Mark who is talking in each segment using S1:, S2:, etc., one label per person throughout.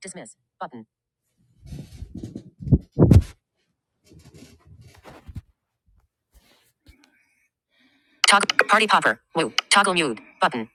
S1: Dismiss. Button. Toggle. Party popper. Woo. Toggle mute. Button.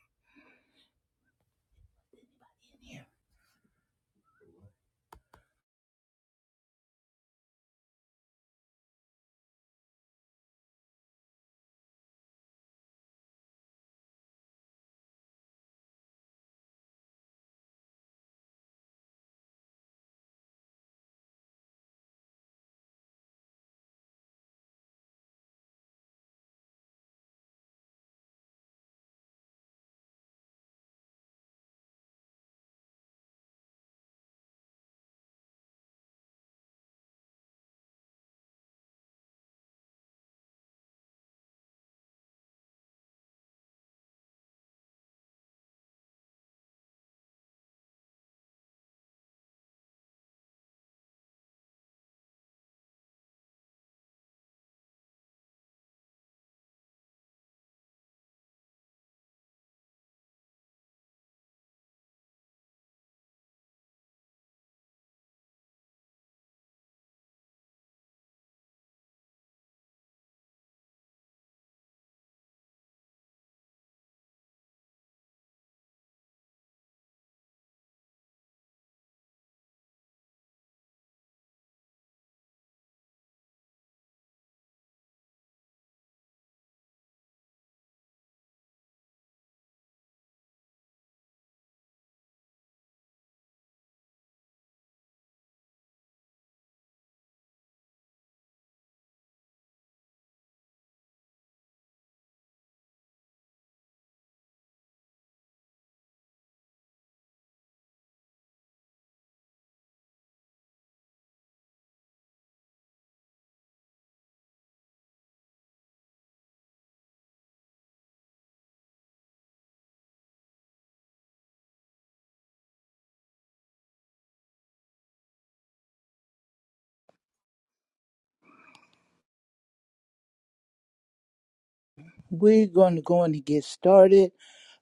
S1: We're going to go on and get started.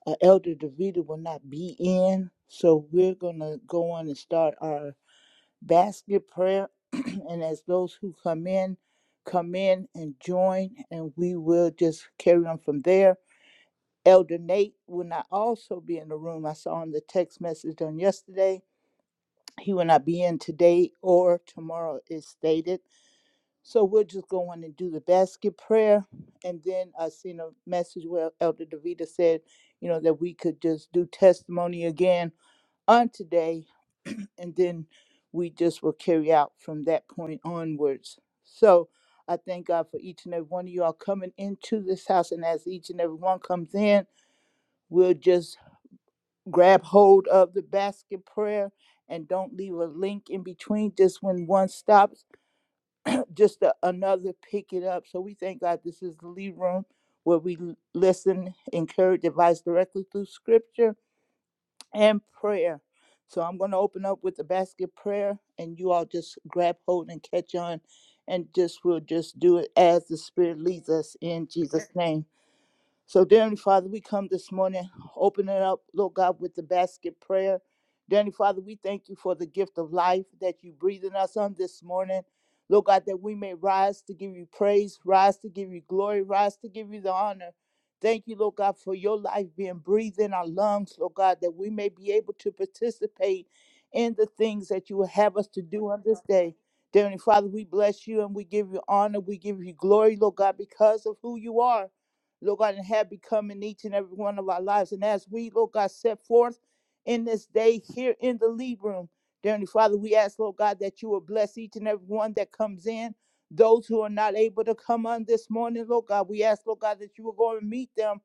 S1: Uh, Elder Davida will not be in, so we're going to go on and start our basket prayer. and as those who come in, come in and join, and we will just carry on from there. Elder Nate will not also be in the room. I saw in the text message on yesterday. He will not be in today or tomorrow, is stated. So we're just going and do the basket prayer. And then I seen a message where Elder Davita said, you know, that we could just do testimony again on today. And then we just will carry out from that point onwards. So I thank God for each and every one of you all coming into this house. And as each and every one comes in, we'll just grab hold of the basket prayer and don't leave a link in between. Just when one stops, just a, another pick it up. So we thank God this is the lead room where we listen, encourage, advise directly through scripture and prayer. So I'm going to open up with the basket prayer, and you all just grab hold and catch on, and just we'll just do it as the Spirit leads us in Jesus' name. So, dear Heavenly Father, we come this morning, opening up, Lord God, with the basket prayer. Dear Heavenly Father, we thank you for the gift of life that you breathe in us on this morning. Lord God, that we may rise to give you praise, rise to give you glory, rise to give you the honor. Thank you, Lord God, for your life being breathed in our lungs, Lord God, that we may be able to participate in the things that you will have us to do on this day. Dear Heavenly Father, we bless you and we give you honor, we give you glory, Lord God, because of who you are. Lord God, and have become in each and every one of our lives. And as we, Lord God, set forth in this day here in the lead room, dear Heavenly Father, we ask, Lord God, that you will bless each and every one that comes in. Those who are not able to come on this morning, Lord God, we ask, Lord God, that you will go and meet them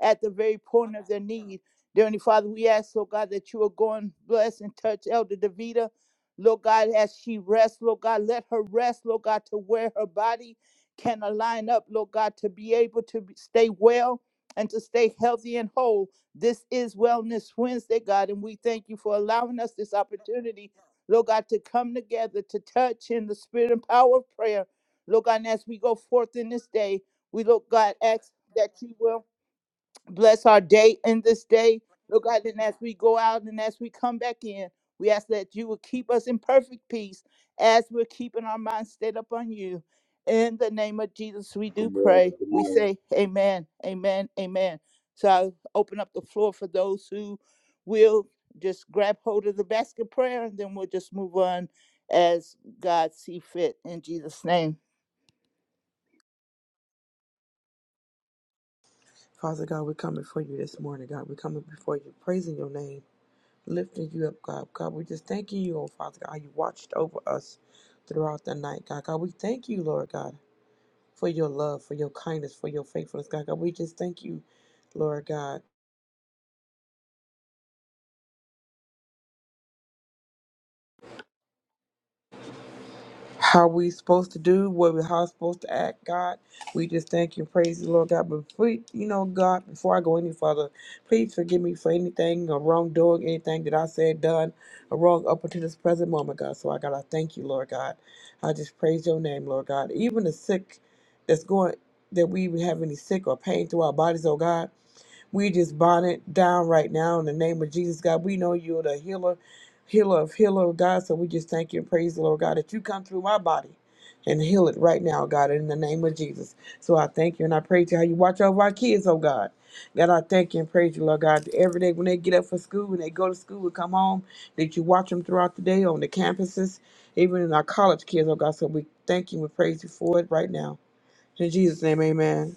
S1: at the very point of their need. Dear Heavenly Father, we ask, Lord God, that you will go and bless and touch Elder Davida. Lord God, as she rests, Lord God, let her rest, Lord God, to wear her body can align up, Lord God, to be able to be- stay well and to stay healthy and whole. This is Wellness Wednesday, God, and we thank you for allowing us this opportunity, Lord God, to come together to touch in the spirit and power of prayer. Lord God, and as we go forth in this day, we, Lord God, ask that you will bless our day and this day. Lord God, and as we go out and as we come back in, we ask that you will keep us in perfect peace as we're keeping our minds stayed upon you. In the name of Jesus, we do
S2: Good morning.
S1: pray.
S2: Good
S1: We
S2: morning.
S1: say amen, amen, amen. So I open up the floor for those who will just grab hold of the basket prayer and then we'll just move on as God see fit in Jesus' name.
S3: Father God, we're coming for you this morning, God. We're coming before you, praising your name, lifting you up, God. God, we're just thanking you, oh Father God. how You watched over us throughout the night, God. God, we thank you, Lord God, for your love, for your kindness, for your faithfulness, God. God, we just thank you, Lord God. how we supposed to do, what we how supposed to act, God. We just thank you, and praise the Lord God. But please, you know, God, before I go any further, please forgive me for anything or wrongdoing, anything that I said, done, or wrong up until this present moment, God. So I gotta thank you, Lord God. I just praise your name, Lord God. Even the sick that's going that we even have any sick or pain through our bodies, oh God. We just bind it down right now in the name of Jesus, God. We know you're the healer, healer of healer, oh God. So we just thank you and praise the Lord, God, that you come through my body and heal it right now, God, in the name of Jesus. So I thank you and I praise you how you watch over our kids, oh God. God, I thank you and praise you, Lord God. that Every day when they get up for school, when they go to school and come home, that you watch them throughout the day on the campuses, even in our college kids, oh God. So we thank you and we praise you for it right now. In Jesus' name, amen.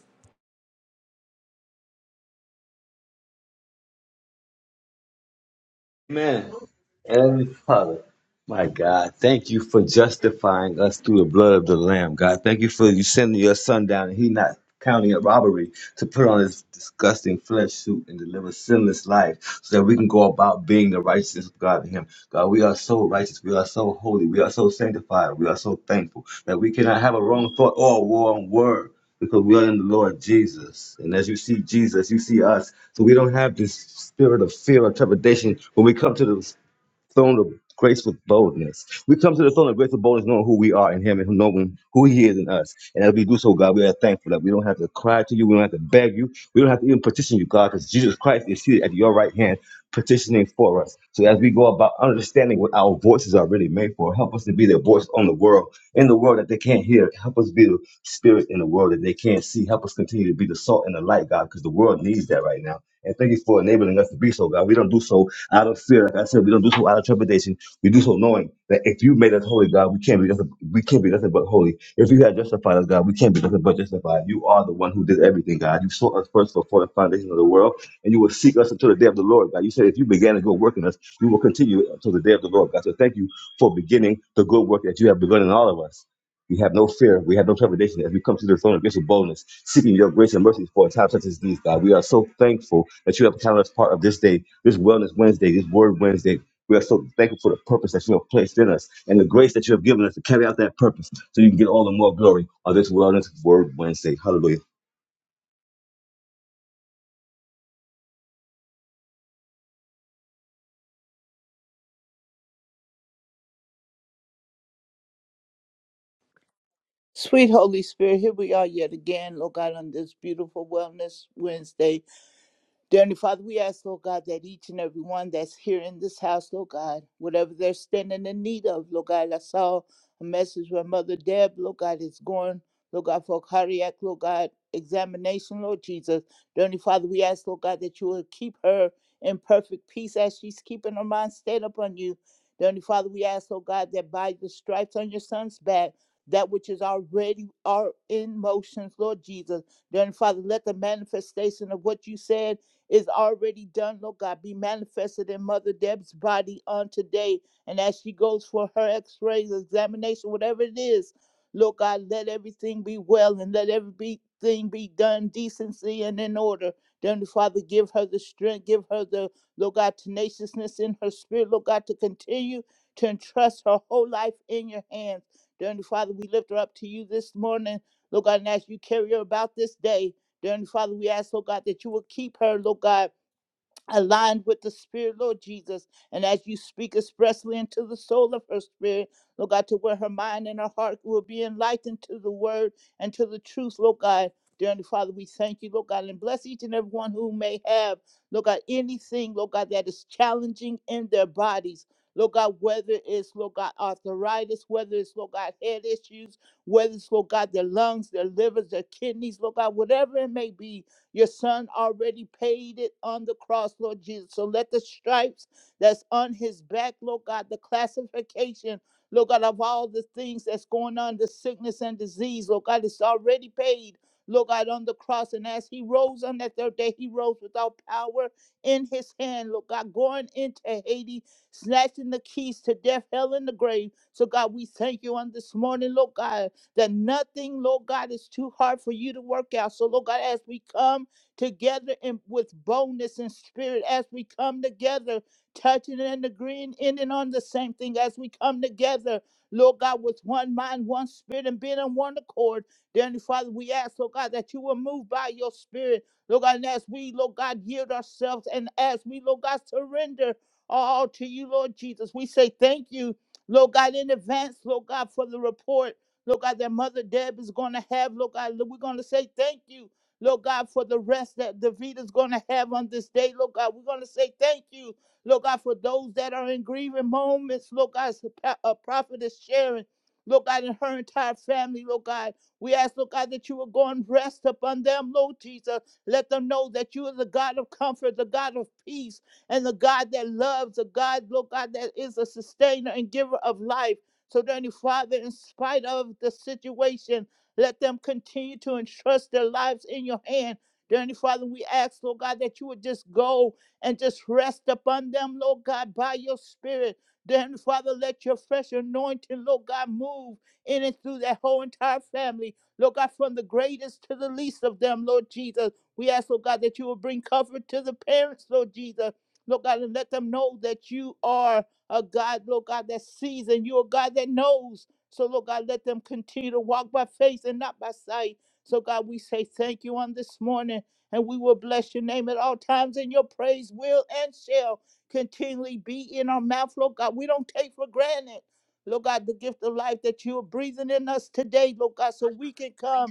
S2: Man, Heavenly Father, my God, thank you for justifying us through the blood of the Lamb, God. Thank you for you sending your son down and he not counting up robbery to put on his disgusting flesh suit and deliver sinless life so that we can go about being the righteousness of God in him. God, we are so righteous. We are so holy. We are so sanctified. We are so thankful that we cannot have a wrong thought or a wrong word. because we are in the Lord Jesus. And as you see Jesus, you see us. So we don't have this spirit of fear or trepidation when we come to the throne of grace with boldness. We come to the throne of grace with boldness, knowing who we are in Him and knowing who He is in us. And as we do so, God, we are thankful that we don't have to cry to you, we don't have to beg you, we don't have to even petition you, God, because Jesus Christ is seated at your right hand petitioning for us. So as we go about understanding what our voices are really made for, help us to be the voice on the world, in the world that they can't hear. Help us be the spirit in the world that they can't see. Help us continue to be the salt and the light, God, because the world needs that right now. And thank you for enabling us to be so, God. We don't do so out of fear. Like I said, we don't do so out of trepidation. We do so knowing that if you made us holy, God, we can't be nothing. We can't be nothing but holy. If you had justified us, God, we can't be nothing but justified. You are the one who did everything, God. You sought us first before the foundation of the world, and you will seek us until the day of the Lord, God. You said if you began to go work in us, we will continue until the day of the Lord, God. So thank you for beginning the good work that you have begun in all of us. We have no fear. We have no trepidation as we come to the throne of grace with boldness, seeking your grace and mercy for a time such as these, God. We are so thankful that you have counted us part of this day, this Wellness Wednesday, this Word Wednesday. We are so thankful for the purpose that you have placed in us and the grace that you have given us to carry out that purpose so you can get all the more glory of this Wellness Word Wednesday. Hallelujah.
S1: Sweet Holy Spirit, here we are yet again, Lord God, on this beautiful Wellness Wednesday. Dear Heavenly Father, we ask, Lord God, that each and every one that's here in this house, Lord God, whatever they're standing in need of, Lord God, I saw a message where Mother Deb, Lord God, is going, Lord God, for a cardiac, Lord God, examination, Lord Jesus. Dear Heavenly Father, we ask, Lord God, that you will keep her in perfect peace as she's keeping her mind stayed upon you. Dear Heavenly Father, we ask, Lord God, that by the stripes on your son's back, that which is already are in motion. Lord Jesus. Dear Heavenly Father, let the manifestation of what you said is already done, Lord God. Be manifested in Mother Deb's body on today. And as she goes for her x rays, examination, whatever it is, Lord God, let everything be well and let everything be done decency and in order. Then, Father, give her the strength, give her the, Lord God, tenaciousness in her spirit, Lord God, to continue to entrust her whole life in your hands. Dear Heavenly Father, we lift her up to you this morning. Lord God, and as you carry her about this day, Dear Father, we ask, oh God, that you will keep her, Lord God aligned with the spirit, Lord Jesus. And as you speak expressly into the soul of her spirit, Lord God, to where her mind and her heart will be enlightened to the word and to the truth, Lord God. Dear Heavenly Father, we thank you, Lord God, and bless each and every one who may have, Lord God, anything, Lord God, that is challenging in their bodies. Lord God, whether it's, Lord God, arthritis, whether it's, Lord God, head issues, whether it's, Lord God, their lungs, their livers, their kidneys, Lord God, whatever it may be, your son already paid it on the cross, Lord Jesus. So let the stripes that's on his back, Lord God, the classification, Lord God, of all the things that's going on, the sickness and disease, Lord God, it's already paid. Lord God, on the cross, and as he rose on that third day, he rose without power in his hand. Lord God, going into Hades, snatching the keys to death, hell, and the grave. So, God, we thank you on this morning, Lord God that nothing, Lord God, is too hard for you to work out. So, Lord God, as we come together in, with boldness and spirit, as we come together, touching and agreeing in and on the same thing, as we come together, Lord God, with one mind, one spirit, and being on one accord, dear Heavenly Father, we ask, Lord God, that you will move by your spirit, Lord God, and as we, Lord God, yield ourselves and as we, Lord God, surrender all to you, Lord Jesus, we say thank you. Lord God, in advance, Lord God, for the report. Lord God, that Mother Deb is going to have. Lord God, we're going to say thank you. Lord God, for the rest that Davita's going to have on this day, Lord God, we're going to say thank you. Lord God, for those that are in grieving moments, Lord God, a uh, prophet is sharing, Lord God, and her entire family, Lord God. We ask, Lord God, that you will go and rest upon them, Lord Jesus. Let them know that you are the God of comfort, the God of peace, and the God that loves, the God, Lord God, that is a sustainer and giver of life. So, dearly Father, in spite of the situation, let them continue to entrust their lives in your hand. Dearly Father, we ask, Lord God, that you would just go and just rest upon them, Lord God, by your spirit. Dearly Father, let your fresh anointing, Lord God, move in and through that whole entire family. Lord God, from the greatest to the least of them, Lord Jesus. We ask, Lord God, that you will bring comfort to the parents, Lord Jesus. Lord God, and let them know that you are a God, Lord God, that sees and you're a God that knows. So, Lord God, let them continue to walk by faith and not by sight. So, God, we say thank you on this morning, and we will bless your name at all times, and your praise will and shall continually be in our mouth, Lord God. We don't take for granted. Lord God, the gift of life that you are breathing in us today, Lord God, so we can come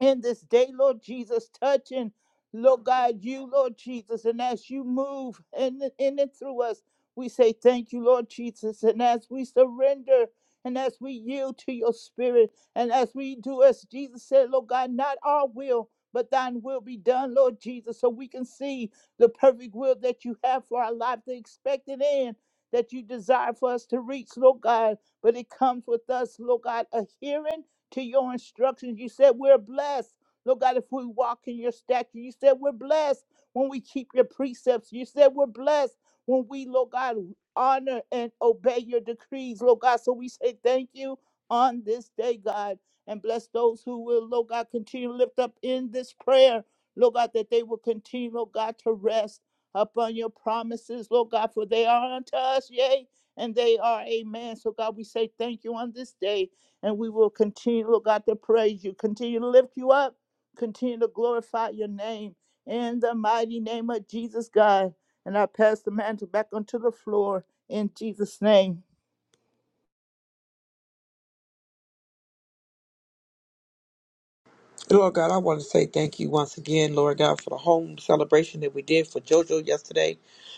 S1: in this day, Lord Jesus, touching, Lord God, you, Lord Jesus, and as you move in, in and through us, we say thank you, Lord Jesus. And as we surrender and as we yield to your spirit and as we do as Jesus said, Lord God, not our will, but thine will be done, Lord Jesus, so we can see the perfect will that you have for our life, the expected end that you desire for us to reach, Lord God. But it comes with us, Lord God, adhering to your instructions. You said we're blessed. Lord God, if we walk in your statue, you said we're blessed when we keep your precepts. You said we're blessed when we, Lord God, honor and obey your decrees, Lord God. So we say thank you on this day, God, and bless those who will, Lord God, continue to lift up in this prayer, Lord God, that they will continue, Lord God, to rest upon your promises, Lord God, for they are unto us, yea, and they are amen. So, God, we say thank you on this day, and we will continue, Lord God, to praise you, continue to lift you up, continue to glorify your name. In the mighty name of Jesus, God. And I pass the mantle back onto the floor in Jesus' name.
S3: Lord God, I want to say thank you once again, Lord God, for the home celebration that we did for JoJo yesterday.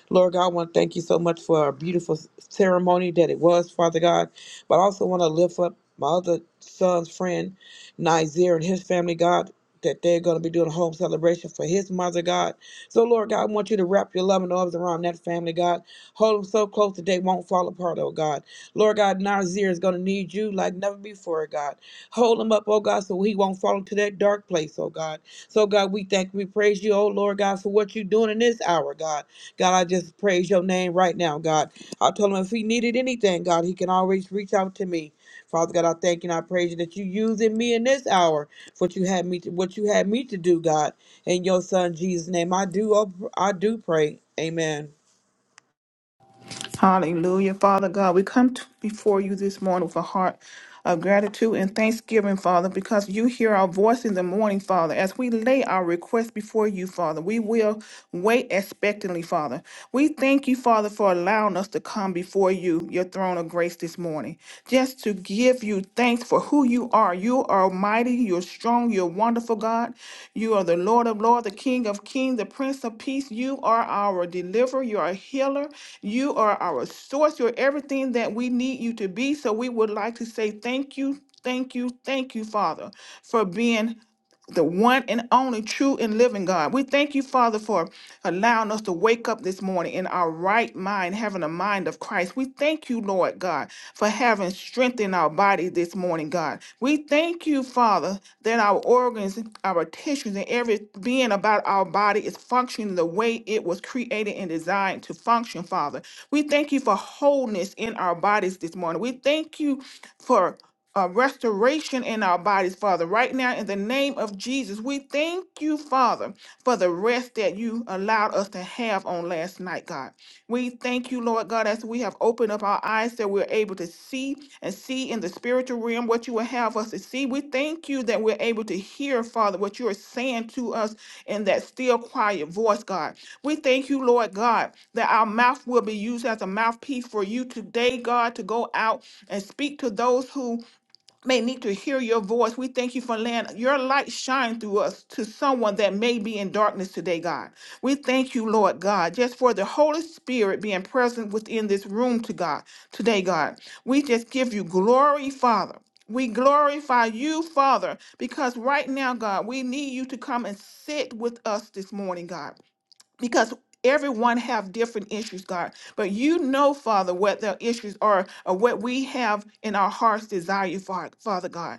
S3: Lord God, I want to thank you so much for a beautiful ceremony that it was, Father God. But I also want to lift up my other son's friend, Nizer, and his family, God, that they're going to be doing a home celebration for his mother, God. So, Lord God, I want you to wrap your loving arms around that family, God. Hold them so close that they won't fall apart, oh God. Lord God, Nazir is going to need you like never before, God. Hold him up, oh God, so he won't fall into that dark place, oh God. So, God, we thank, we praise you, oh Lord God, for what you're doing in this hour, God. God, I just praise your name right now, God. I told him if he needed anything, God, he can always reach out to me. Father God, I thank you and I praise you that you using me in this hour for what you had me to, what you had me to do, God. In your son Jesus' name, I do, oh, I do pray. Amen.
S4: Hallelujah. Father God, we come to, before you this morning with a heart of gratitude and thanksgiving, Father, because you hear our voice in the morning, Father. As we lay our request before you, Father, we will wait expectantly, Father. We thank you, Father, for allowing us to come before you, your throne of grace this morning, just to give give you thanks for who you are. You are mighty, you're strong, you're wonderful, God. You are the Lord of Lords, the King of Kings, the Prince of Peace. You are our deliverer, you're a healer, you are our source, you're everything that we need you to be. So we would like to say thank you. Thank you, thank you, Father, for being the one and only true and living God. We thank you, Father, for allowing us to wake up this morning in our right mind, having a mind of Christ. We thank you, Lord God, for having strength in our body this morning, God. We thank you, Father, that our organs, our tissues, and every being about our body is functioning the way it was created and designed to function, Father. We thank you for wholeness in our bodies this morning. We thank you for uh, restoration in our bodies, Father. Right now, in the name of Jesus, we thank you, Father, for the rest that you allowed us to have on last night, God. We thank you, Lord God, as we have opened up our eyes that we're able to see and see in the spiritual realm what you will have us to see. We thank you that we're able to hear, Father, what you are saying to us in that still quiet voice, God. We thank you, Lord God, that our mouth will be used as a mouthpiece for you today, God, to go out and speak to those who may need to hear your voice. We thank you for letting your light shine through us to someone that may be in darkness today, God. We thank you, Lord God, just for the Holy Spirit being present within this room to God today, God. We just give you glory, Father. We glorify you, Father, because right now, God, we need you to come and sit with us this morning, God because everyone have different issues god but you know father what their issues are or what we have in our hearts desire father father god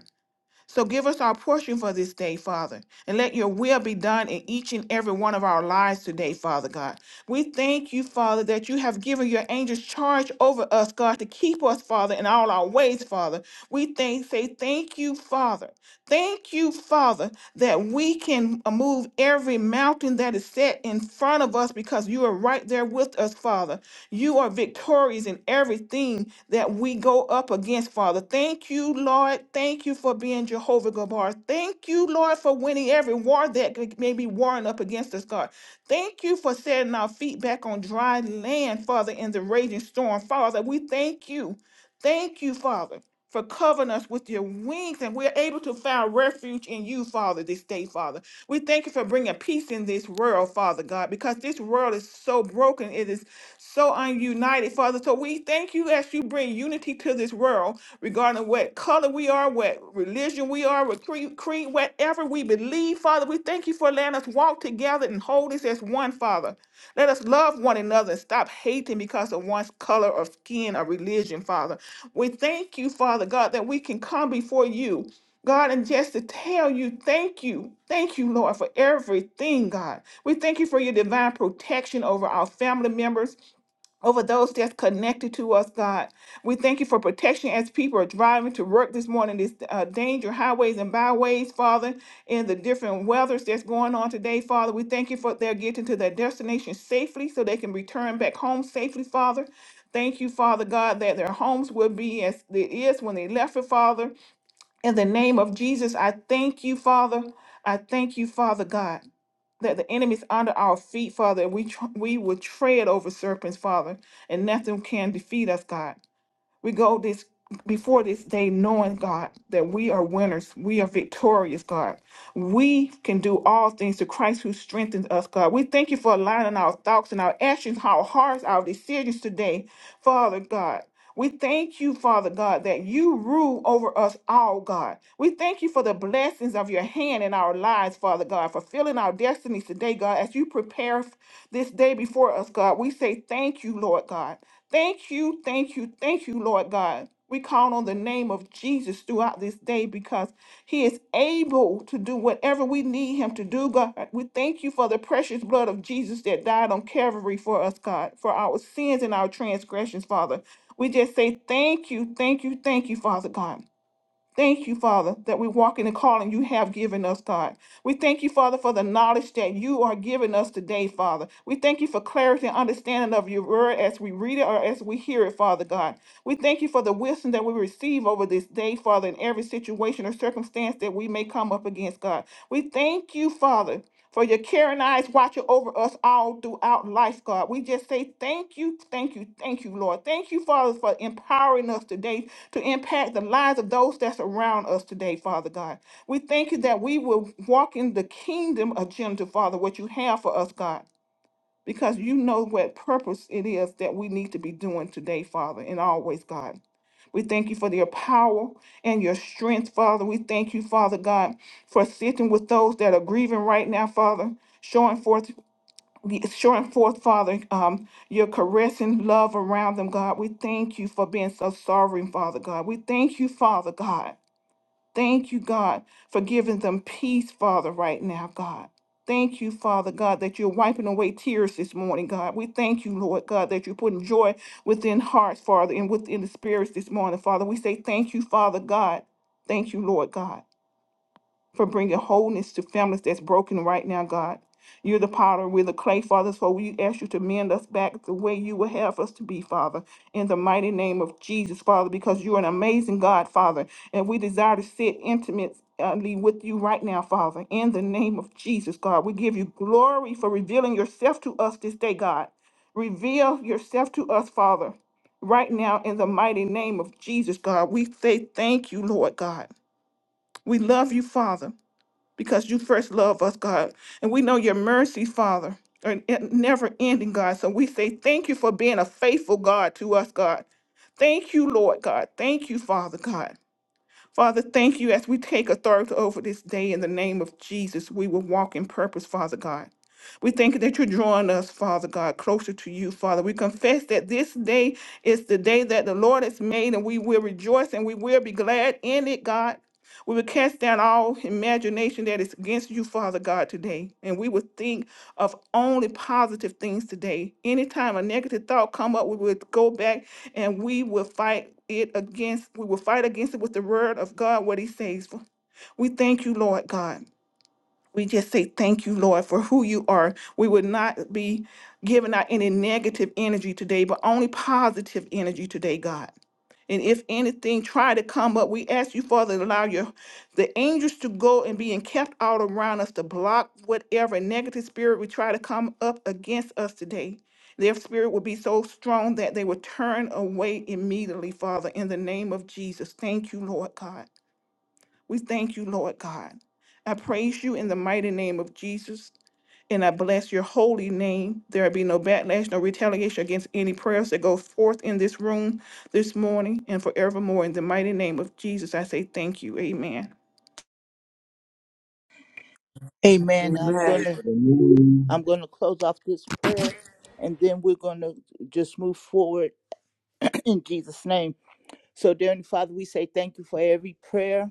S4: so give us our portion for this day, Father, and let your will be done in each and every one of our lives today, Father God. We thank you, Father, that you have given your angels charge over us, God, to keep us, Father, in all our ways, Father. We thank, say thank you, Father. Thank you, Father, that we can uh, move every mountain that is set in front of us because you are right there with us, Father. You are victorious in everything that we go up against, Father. Thank you, Lord. Thank you for being Jehovah Gabar. Thank you, Lord, for winning every war that may be warring up against us, God. Thank you for setting our feet back on dry land, Father, in the raging storm. Father, we thank you. Thank you, Father, for covering us with your wings, and we're able to find refuge in you, Father, this day, Father. We thank you for bringing peace in this world, Father God, because this world is so broken. It is so ununited, Father. So we thank you as you bring unity to this world regarding what color we are, what religion we are, what creed, creed, whatever we believe, Father. We thank you for letting us walk together and hold this as one, Father. Let us love one another and stop hating because of one's color or skin or religion, Father. We thank you, Father God, that we can come before you. God, and just to tell you, thank you. Thank you, Lord, for everything, God. We thank you for your divine protection over our family members, over those that's connected to us, God. We thank you for protection as people are driving to work this morning, this uh, danger highways and byways, Father, and the different weathers that's going on today, Father. We thank you for their getting to their destination safely so they can return back home safely, Father. Thank you, Father God, that their homes will be as it is when they left it, Father. In the name of Jesus, I thank you, Father. I thank you, Father God that the enemy's under our feet, Father, and we tr- we will tread over serpents, Father, and nothing can defeat us, God. We go this before this day knowing, God, that we are winners. We are victorious, God. We can do all things to Christ who strengthens us, God. We thank you for aligning our thoughts and our actions, our hearts, our decisions today, Father God. We thank you, Father God, that you rule over us all, God. We thank you for the blessings of your hand in our lives, Father God, fulfilling our destinies today, God. As you prepare this day before us, God, we say thank you, Lord God. Thank you, thank you, thank you, Lord God. We call on the name of Jesus throughout this day because he is able to do whatever we need him to do, God. We thank you for the precious blood of Jesus that died on Calvary for us, God, for our sins and our transgressions, Father. We just say thank you, thank you, thank you, Father God. Thank you, Father, that we walk in the calling you have given us, God. We thank you, Father, for the knowledge that you are giving us today, Father. We thank you for clarity and understanding of your word as we read it or as we hear it, Father God. We thank you for the wisdom that we receive over this day, Father, in every situation or circumstance that we may come up against, God. We thank you, Father. For your caring eyes watching over us all throughout life, God. We just say thank you, thank you, thank you, Lord. Thank you, Father, for empowering us today to impact the lives of those that's around us today, Father God. We thank you that we will walk in the kingdom agenda, Father, what you have for us, God because you know what purpose it is that we need to be doing today, Father, and always, God. We thank you for your power and your strength, Father. We thank you, Father God, for sitting with those that are grieving right now, Father, showing forth. Showing forth, Father, um, your caressing love around them, God. We thank you for being so sovereign, Father God. We thank you, Father God, Thank you, God, for giving them peace, Father, right now, God. Thank you, Father God, that you're wiping away tears this morning, God. We thank you, Lord God, that you're putting joy within hearts, Father, and within the spirits this morning, Father. We say thank you, Father God. Thank you, Lord God for bringing wholeness to families that's broken right now, God. You're the potter, we're the clay, Father, so we ask you to mend us back the way you would have us to be, Father, in the mighty name of Jesus, Father, because you're an amazing God, Father, and we desire to sit intimately with you right now, Father, in the name of Jesus, God. We give you glory for revealing yourself to us this day, God. Reveal yourself to us, Father, right now, in the mighty name of Jesus, God. We say thank you, Lord God. We love you, Father because you first love us, God. And we know your mercy, Father, are n- never ending, God. So we say thank you for being a faithful God to us, God. Thank you, Lord God. Thank you, Father God. Father, thank you as we take authority over this day in the name of Jesus. We will walk in purpose, Father God. We thank you that you're drawing us, Father God, closer to you, Father. We confess that this day is the day that the Lord has made, and we will rejoice and we will be glad in it, God. We will cast down all imagination that is against you, Father God, today. And we will think of only positive things today. Anytime a negative thought come up, we will go back and we will fight it against we will fight against it with the word of god what he says we thank you lord god we just say thank you lord for who you are we would not be giving out any negative energy today but only positive energy today god and if anything try to come up, we ask you, Father, to allow your the angels to go and being kept all around us to block whatever negative spirit would try to come up against us today. Their spirit will be so strong that they will turn away immediately, Father, in the name of Jesus. Thank you, Lord God. We thank you, Lord God. I praise you in the mighty name of Jesus. And I bless your holy name. There be no backlash, no retaliation against any prayers that go forth in this room this morning and forevermore. In the mighty name of Jesus, I say thank you. Amen.
S1: Amen. I'm
S3: Amen.
S2: Amen.
S1: gonna I'm gonna close off this prayer and then we're gonna just move forward in Jesus' name. So dear Father, we say thank you for every prayer.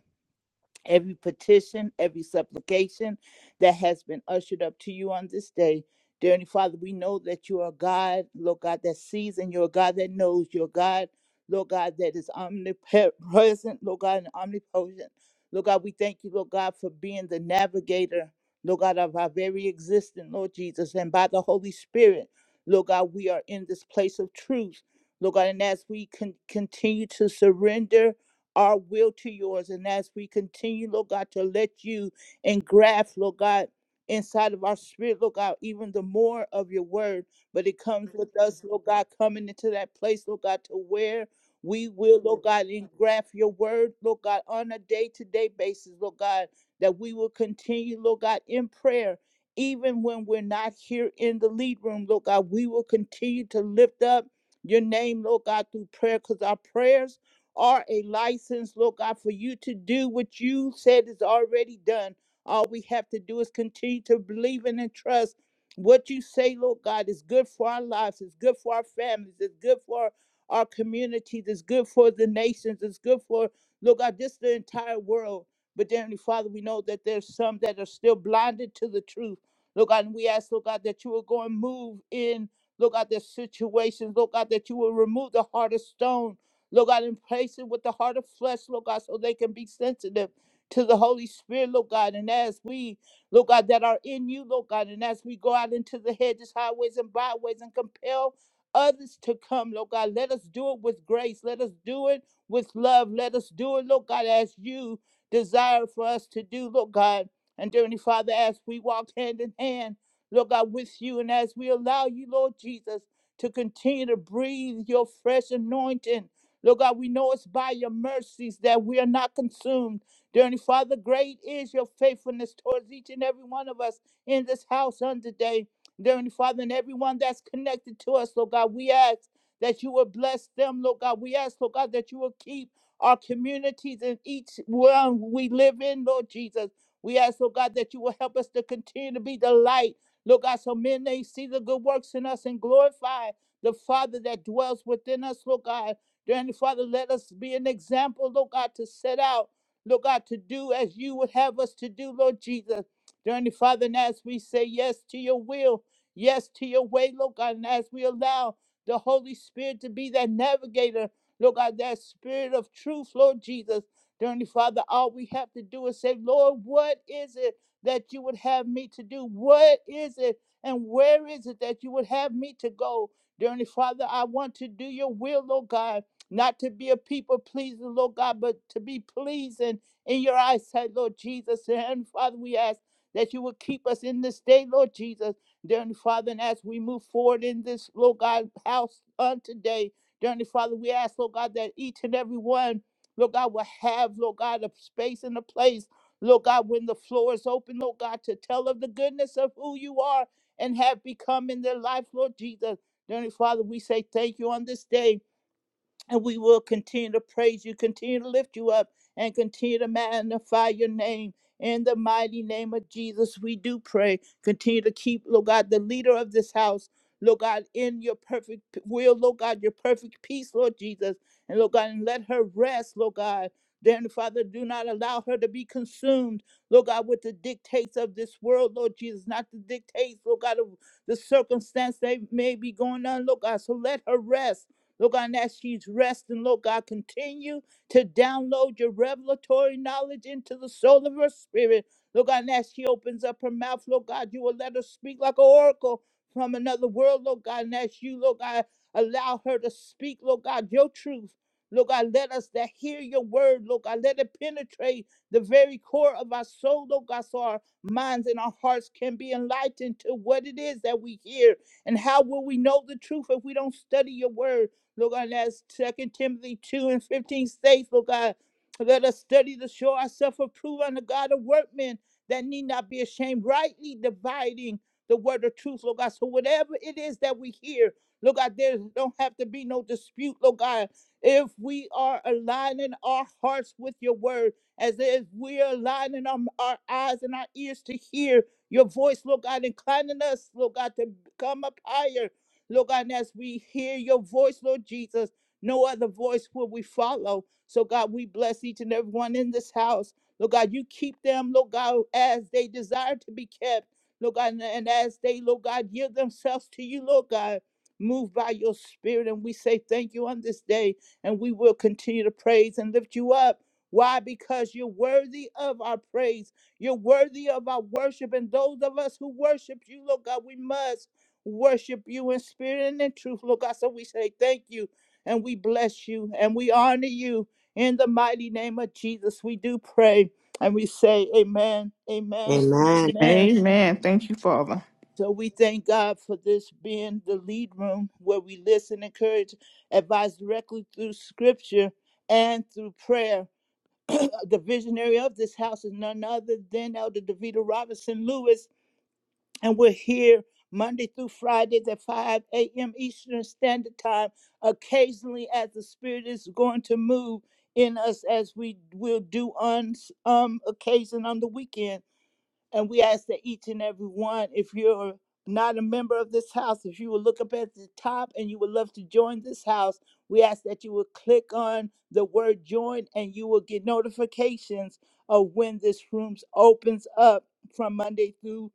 S1: every petition, every supplication that has been ushered up to you on this day. Dear Heavenly Father, we know that you are God, Lord God, that sees and you're God that knows. You're God, Lord God, that is omnipresent, Lord God, and omnipotent. Lord God, we thank you, Lord God, for being the navigator, Lord God, of our very existence, Lord Jesus. And by the Holy Spirit, Lord God, we are in this place of truth. Lord God, and as we con- continue to surrender our will to yours. And as we continue, Lord God, to let you engraft, Lord God, inside of our spirit, Lord God, even the more of your word. But it comes with us, Lord God, coming into that place, Lord God, to where we will, Lord God, engraft your word, Lord God, on a day to day basis, Lord God, that we will continue, Lord God, in prayer. Even when we're not here in the lead room, Lord God, we will continue to lift up your name, Lord God, through prayer, because our prayers are a license, Lord God, for you to do what you said is already done. All we have to do is continue to believe in and trust what you say, Lord God, is good for our lives, it's good for our families, it's good for our communities, it's good for the nations, it's good for, Lord God, just the entire world. But dear Heavenly Father, we know that there's some that are still blinded to the truth. Lord God, and we ask, Lord God, that you will go and move in, Lord God, their situations, Lord God, that you will remove the heart of stone Lord God, and place it with the heart of flesh, Lord God, so they can be sensitive to the Holy Spirit, Lord God. And as we, Lord God, that are in you, Lord God, and as we go out into the hedges, highways, and byways and compel others to come, Lord God, let us do it with grace. Let us do it with love. Let us do it, Lord God, as you desire for us to do, Lord God. And dearly Father, as we walk hand in hand, Lord God, with you, and as we allow you, Lord Jesus, to continue to breathe your fresh anointing Lord God, we know it's by your mercies that we are not consumed. Dearly Father, great is your faithfulness towards each and every one of us in this house on today. Dearly Father, and everyone that's connected to us, Lord God, we ask that you will bless them, Lord God. We ask, Lord God, that you will keep our communities and each one we live in, Lord Jesus. We ask, Lord God, that you will help us to continue to be the light, Lord God, so men may see the good works in us and glorify the Father that dwells within us, Lord God. Dear Heavenly Father, let us be an example, Lord God, to set out, Lord God, to do as you would have us to do, Lord Jesus. Dear Heavenly Father, and as we say yes to your will, yes to your way, Lord God, and as we allow the Holy Spirit to be that navigator, Lord God, that spirit of truth, Lord Jesus. Dear Heavenly Father, all we have to do is say, Lord, what is it that you would have me to do? What is it and where is it that you would have me to go? Dear Heavenly Father, I want to do your will, Lord God not to be a people pleaser, Lord God, but to be pleasing in your eyesight, Lord Jesus. And Father, we ask that you would keep us in this day, Lord Jesus. Dearly Father, and as we move forward in this, Lord God, house on today, dearly Father, we ask, Lord God, that each and every one, Lord God, will have, Lord God, a space and a place, Lord God, when the floor is open, Lord God, to tell of the goodness of who you are and have become in their life, Lord Jesus. Dearly Father, we say thank you on this day. And we will continue to praise you, continue to lift you up, and continue to magnify your name. In the mighty name of Jesus, we do pray. Continue to keep, Lord God, the leader of this house, Lord God, in your perfect p- will, Lord God, your perfect peace, Lord Jesus. And Lord God, and let her rest, Lord God. Then, Father, do not allow her to be consumed, Lord God, with the dictates of this world, Lord Jesus, not the dictates, Lord God, of the circumstance they may be going on, Lord God. So let her rest. Lord God, and as she's resting, Lord God, continue to download your revelatory knowledge into the soul of her spirit. Lord God, and as she opens up her mouth, Lord God, you will let her speak like an oracle from another world, Lord God, and as you, Lord God, allow her to speak, Lord God, your truth. Lord God, let us that hear your word, Lord God, let it penetrate the very core of our soul, Lord God, so our minds and our hearts can be enlightened to what it is that we hear. And how will we know the truth if we don't study your word? Lord God, and as Second Timothy 2 and 15 states, Lord God, let us study to show ourselves approved unto God of workmen that need not be ashamed, rightly dividing the word of truth, Lord God. So whatever it is that we hear, Lord God, there don't have to be no dispute, Lord God. If we are aligning our hearts with your word, as if we are aligning our, our eyes and our ears to hear your voice, Lord God, inclining us, Lord God, to come up higher Lord God, and as we hear your voice, Lord Jesus, no other voice will we follow. So, God, we bless each and every one in this house. Lord God, you keep them, Lord God, as they desire to be kept. Lord God, and and as they, Lord God, give themselves to you, Lord God, move by your spirit. And we say thank you on this day. And we will continue to praise and lift you up. Why? Because you're worthy of our praise. You're worthy of our worship. And those of us who worship you, Lord God, we must worship you in spirit and in truth, Lord God. So we say thank you and we bless you and we honor you in the mighty name of Jesus. We do pray and we say amen, amen, and
S5: Amen.
S1: amen.
S4: Amen. Thank you, Father.
S1: So we thank God for this being the lead room where we listen, encourage, advise directly through scripture and through prayer. Uh, The visionary of this house is none other than Elder Davita Robinson Lewis. And we're here Monday through Fridays at 5 a.m. Eastern Standard Time, occasionally as the Spirit is going to move in us as we will do on um occasion on the weekend. And we ask that each and every one, if you're not a member of this house, if you will look up at the top and you would love to join this house, we ask that you will click on the word join and you will get notifications of when this room opens up from Monday through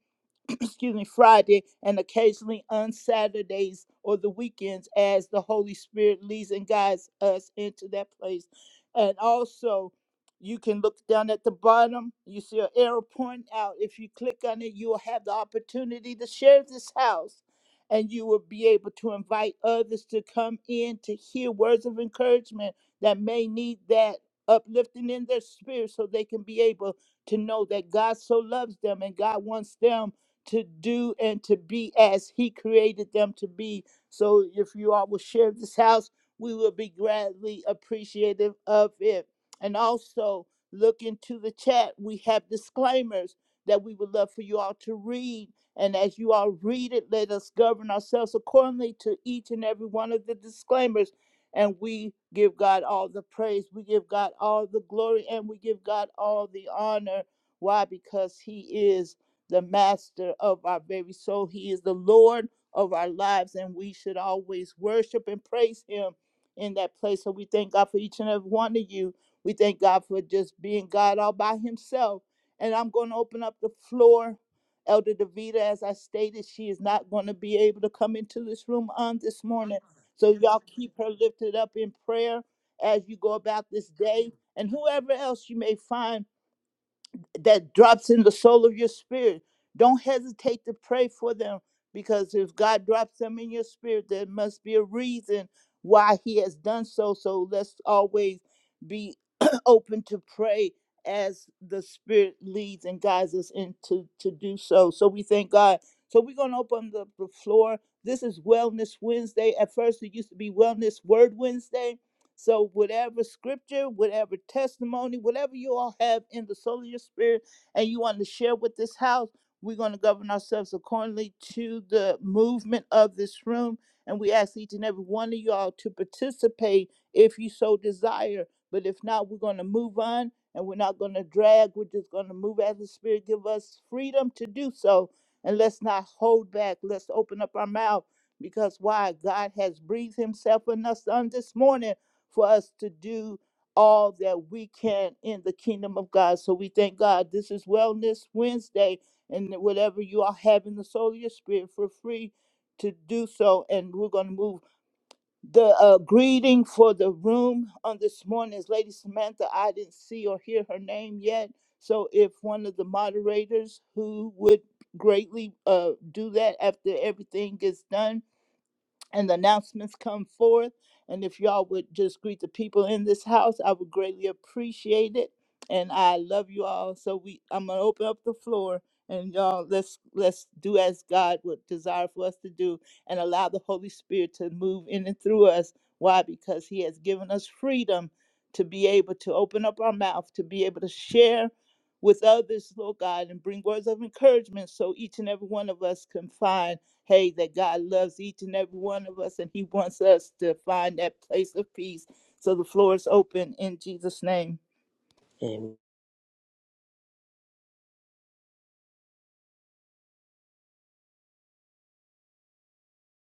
S1: excuse me, Friday and occasionally on Saturdays or the weekends as the Holy Spirit leads and guides us into that place. And also, you can look down at the bottom. You see an arrow pointing out. If you click on it, you will have the opportunity to share this house. And you will be able to invite others to come in to hear words of encouragement that may need that uplifting in their spirit so they can be able to know that God so loves them and God wants them to do and to be as he created them to be. So if you all will share this house, we will be gladly appreciative of it. And also look into the chat. We have disclaimers that we would love for you all to read. And as you all read it, let us govern ourselves accordingly to each and every one of the disclaimers. And we give God all the praise, we give God all the glory, and we give God all the honor. Why? Because He is the master of our very soul. He is the Lord of our lives, and we should always worship and praise him in that place. So we thank God for each and every one of you. We thank God for just being God all by himself. And I'm going to open up the floor. Elder Davida, as I stated, she is not going to be able to come into this room on this morning. So y'all keep her lifted up in prayer as you go about this day. And whoever else you may find that drops in the soul of your spirit. Don't hesitate to pray for them because if God drops them in your spirit, there must be a reason why He has done so. So let's always be open to pray as the Spirit leads and guides us into to do so. So we thank God. So we're gonna open the, the floor. This is Wellness Wednesday. At first, it used to be Wellness Word Wednesday so, whatever scripture, whatever testimony, whatever you all have in the soul of your spirit and you want to share with this house, we're going to govern ourselves accordingly to the movement of this room. And we ask each and every one of y'all to participate if you so desire. But if not, we're going to move on and we're not going to drag. We're just going to move as the Spirit give us freedom to do so. And let's not hold back. Let's open up our mouth because why? God has breathed Himself in us on this morning for us to do all that we can in the kingdom of God. So we thank God. This is Wellness Wednesday, and whatever you all have in the soul of your spirit, for free to do so. And we're going to move. The uh, greeting for the room on this morning is Lady Samantha. I didn't see or hear her name yet. So if one of the moderators who would greatly uh, do that after everything gets done, and the announcements come forth. And if y'all would just greet the people in this house, I would greatly appreciate it. And I love you all. So we, I'm gonna open up the floor, and y'all, let's let's do as God would desire for us to do, and allow the Holy Spirit to move in and through us. Why? Because He has given us freedom to be able to open up our mouth, to be able to share with others, Lord God, and bring words of encouragement, so each and every one of us can find hey, that God loves each and every one of us and He wants us to find that place of peace. So the floor is open in Jesus' name.
S5: Amen.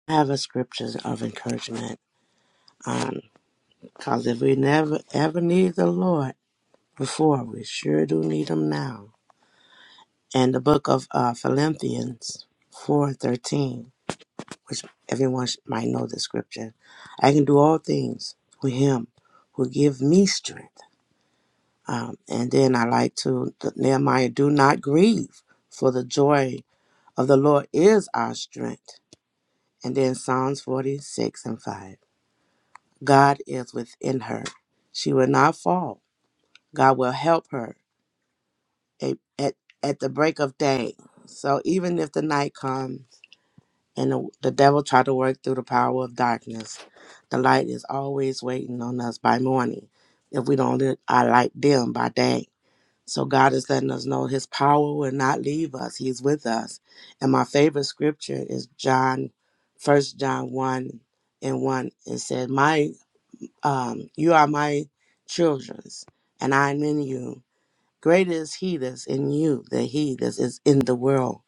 S5: I have a scriptures of encouragement. Um, cause if we never ever need the Lord before, we sure do need Him now. And the book of uh, Philippians four thirteen, which everyone sh- might know the scripture. I can do all things with Him who give me strength. Um, and then I like to th- Nehemiah, do not grieve, for the joy of the Lord is our strength. And then Psalms forty six and five. God is within her. She will not fall. God will help her a- at, at the break of day. So even if the night comes and the, the devil try to work through the power of darkness, the light is always waiting on us by morning if we don't let our light dim by day. So God is letting us know his power will not leave us. He's with us. And my favorite scripture is John, First John 1 and 1. It said, My um, you are my children's, and I am in you, Greater is he that's in you than he that is in the world.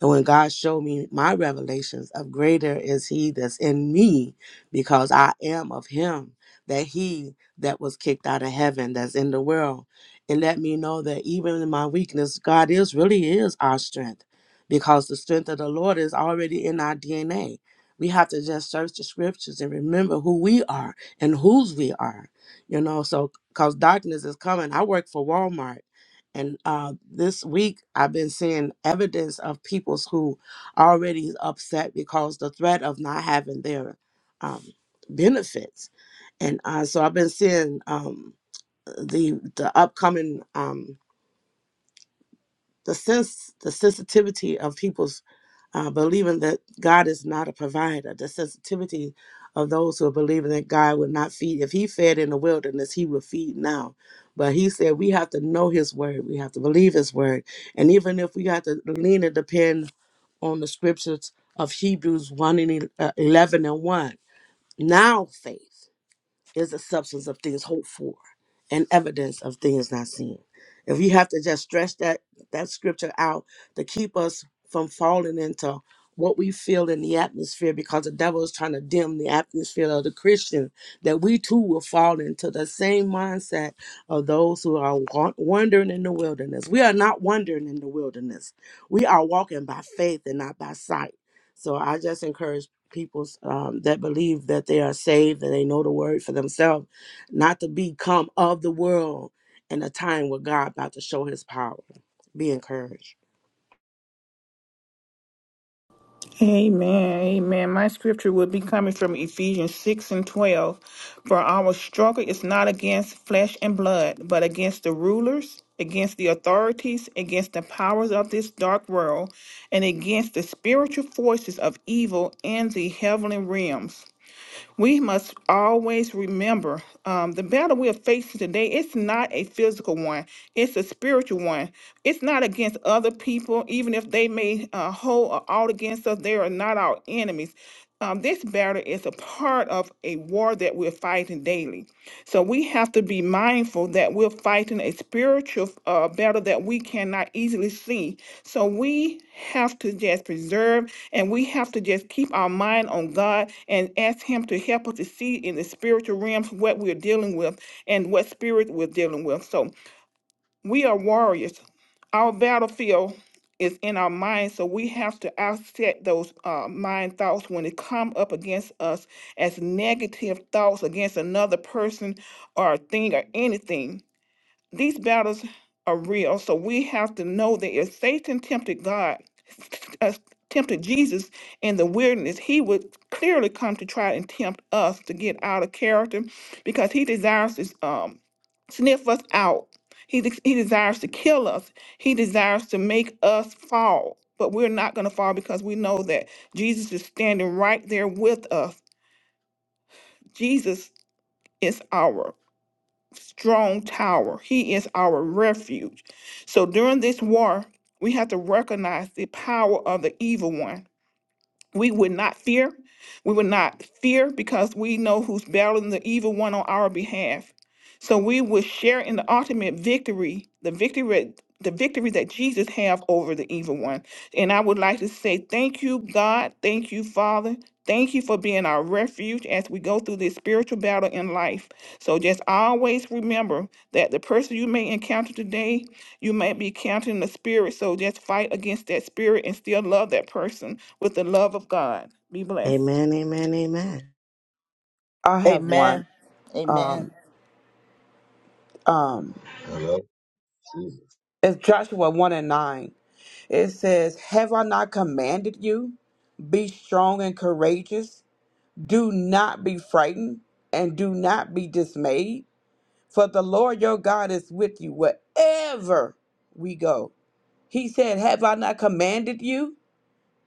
S5: And when God showed me my revelations of greater is he that's in me, because I am of him, that he that was kicked out of heaven that's in the world. And let me know that even in my weakness, God is really is our strength, because the strength of the Lord is already in our DNA. We have to just search the scriptures and remember who we are and whose we are. You know, so because darkness is coming. I work for Walmart and uh, this week, I've been seeing evidence of peoples who are already upset because the threat of not having their um, benefits. And uh, so I've been seeing um, the the upcoming um, the sense the sensitivity of people uh, believing that God is not a provider, the sensitivity of those who are believing that God would not feed. If He fed in the wilderness, He would feed now. But He said we have to know His word, we have to believe His word. And even if we have to lean and depend on the scriptures of Hebrews 1 and el- uh, 11 and 1, now faith is a substance of things hoped for and evidence of things not seen. If we have to just stretch that that scripture out to keep us from falling into what we feel in the atmosphere because the devil is trying to dim the atmosphere of the Christian, that we too will fall into the same mindset of those who are wa- wandering in the wilderness. We are not wandering in the wilderness. We are walking by faith and not by sight. So I just encourage peoples um, that believe that they are saved and they know the word for themselves, not to become of the world in a time where God about to show His power. Be encouraged.
S4: Amen. Amen. My scripture will be coming from Ephesians 6 and 12. For our struggle is not against flesh and blood, but against the rulers, against the authorities, against the powers of this dark world, and against the spiritual forces of evil in the heavenly realms we must always remember um, the battle we are facing today it's not a physical one it's a spiritual one it's not against other people even if they may uh, hold or out against us they are not our enemies um, this battle is a part of a war that we're fighting daily so we have to be mindful that we're fighting a spiritual uh, battle that we cannot easily see so we have to just preserve and we have to just keep our mind on God and ask Him to help us to see in the spiritual realms what we're dealing with and what spirit we're dealing with. So we are warriors. Our battlefield is in our mind, so we have to offset those uh, mind thoughts when they come up against us as negative thoughts against another person or thing or anything these battles are real. So we have to know that if Satan tempted God, uh, tempted Jesus in the wilderness, he would clearly come to try and tempt us to get out of character because he desires to um, sniff us out. He, de- he desires to kill us. He desires to make us fall. But we're not going to fall because we know that Jesus is standing right there with us. Jesus is ours strong tower. He is our refuge. So during this war, we have to recognize the power of the evil one we would not fear. We would not fear because we know who's battling the evil one on our behalf. So we will share in the ultimate victory, the victory, the victory that Jesus have over the evil one. And I would like to say thank you, God. Thank you, Father. Thank you for being our refuge as we go through this spiritual battle in life. So just always remember that the person you may encounter today, you may be encountering the spirit. So just fight against that spirit and still love that person with the love of God. Be blessed.
S5: Amen, amen, amen.
S3: I have one.
S1: Amen. Amen.
S3: Um, um,
S2: I love Jesus.
S3: it's Joshua 1 and 9. It says, Have I not commanded you? Be strong and courageous. Do not be frightened and do not be dismayed. For the Lord your God is with you wherever we go. He said, Have I not commanded you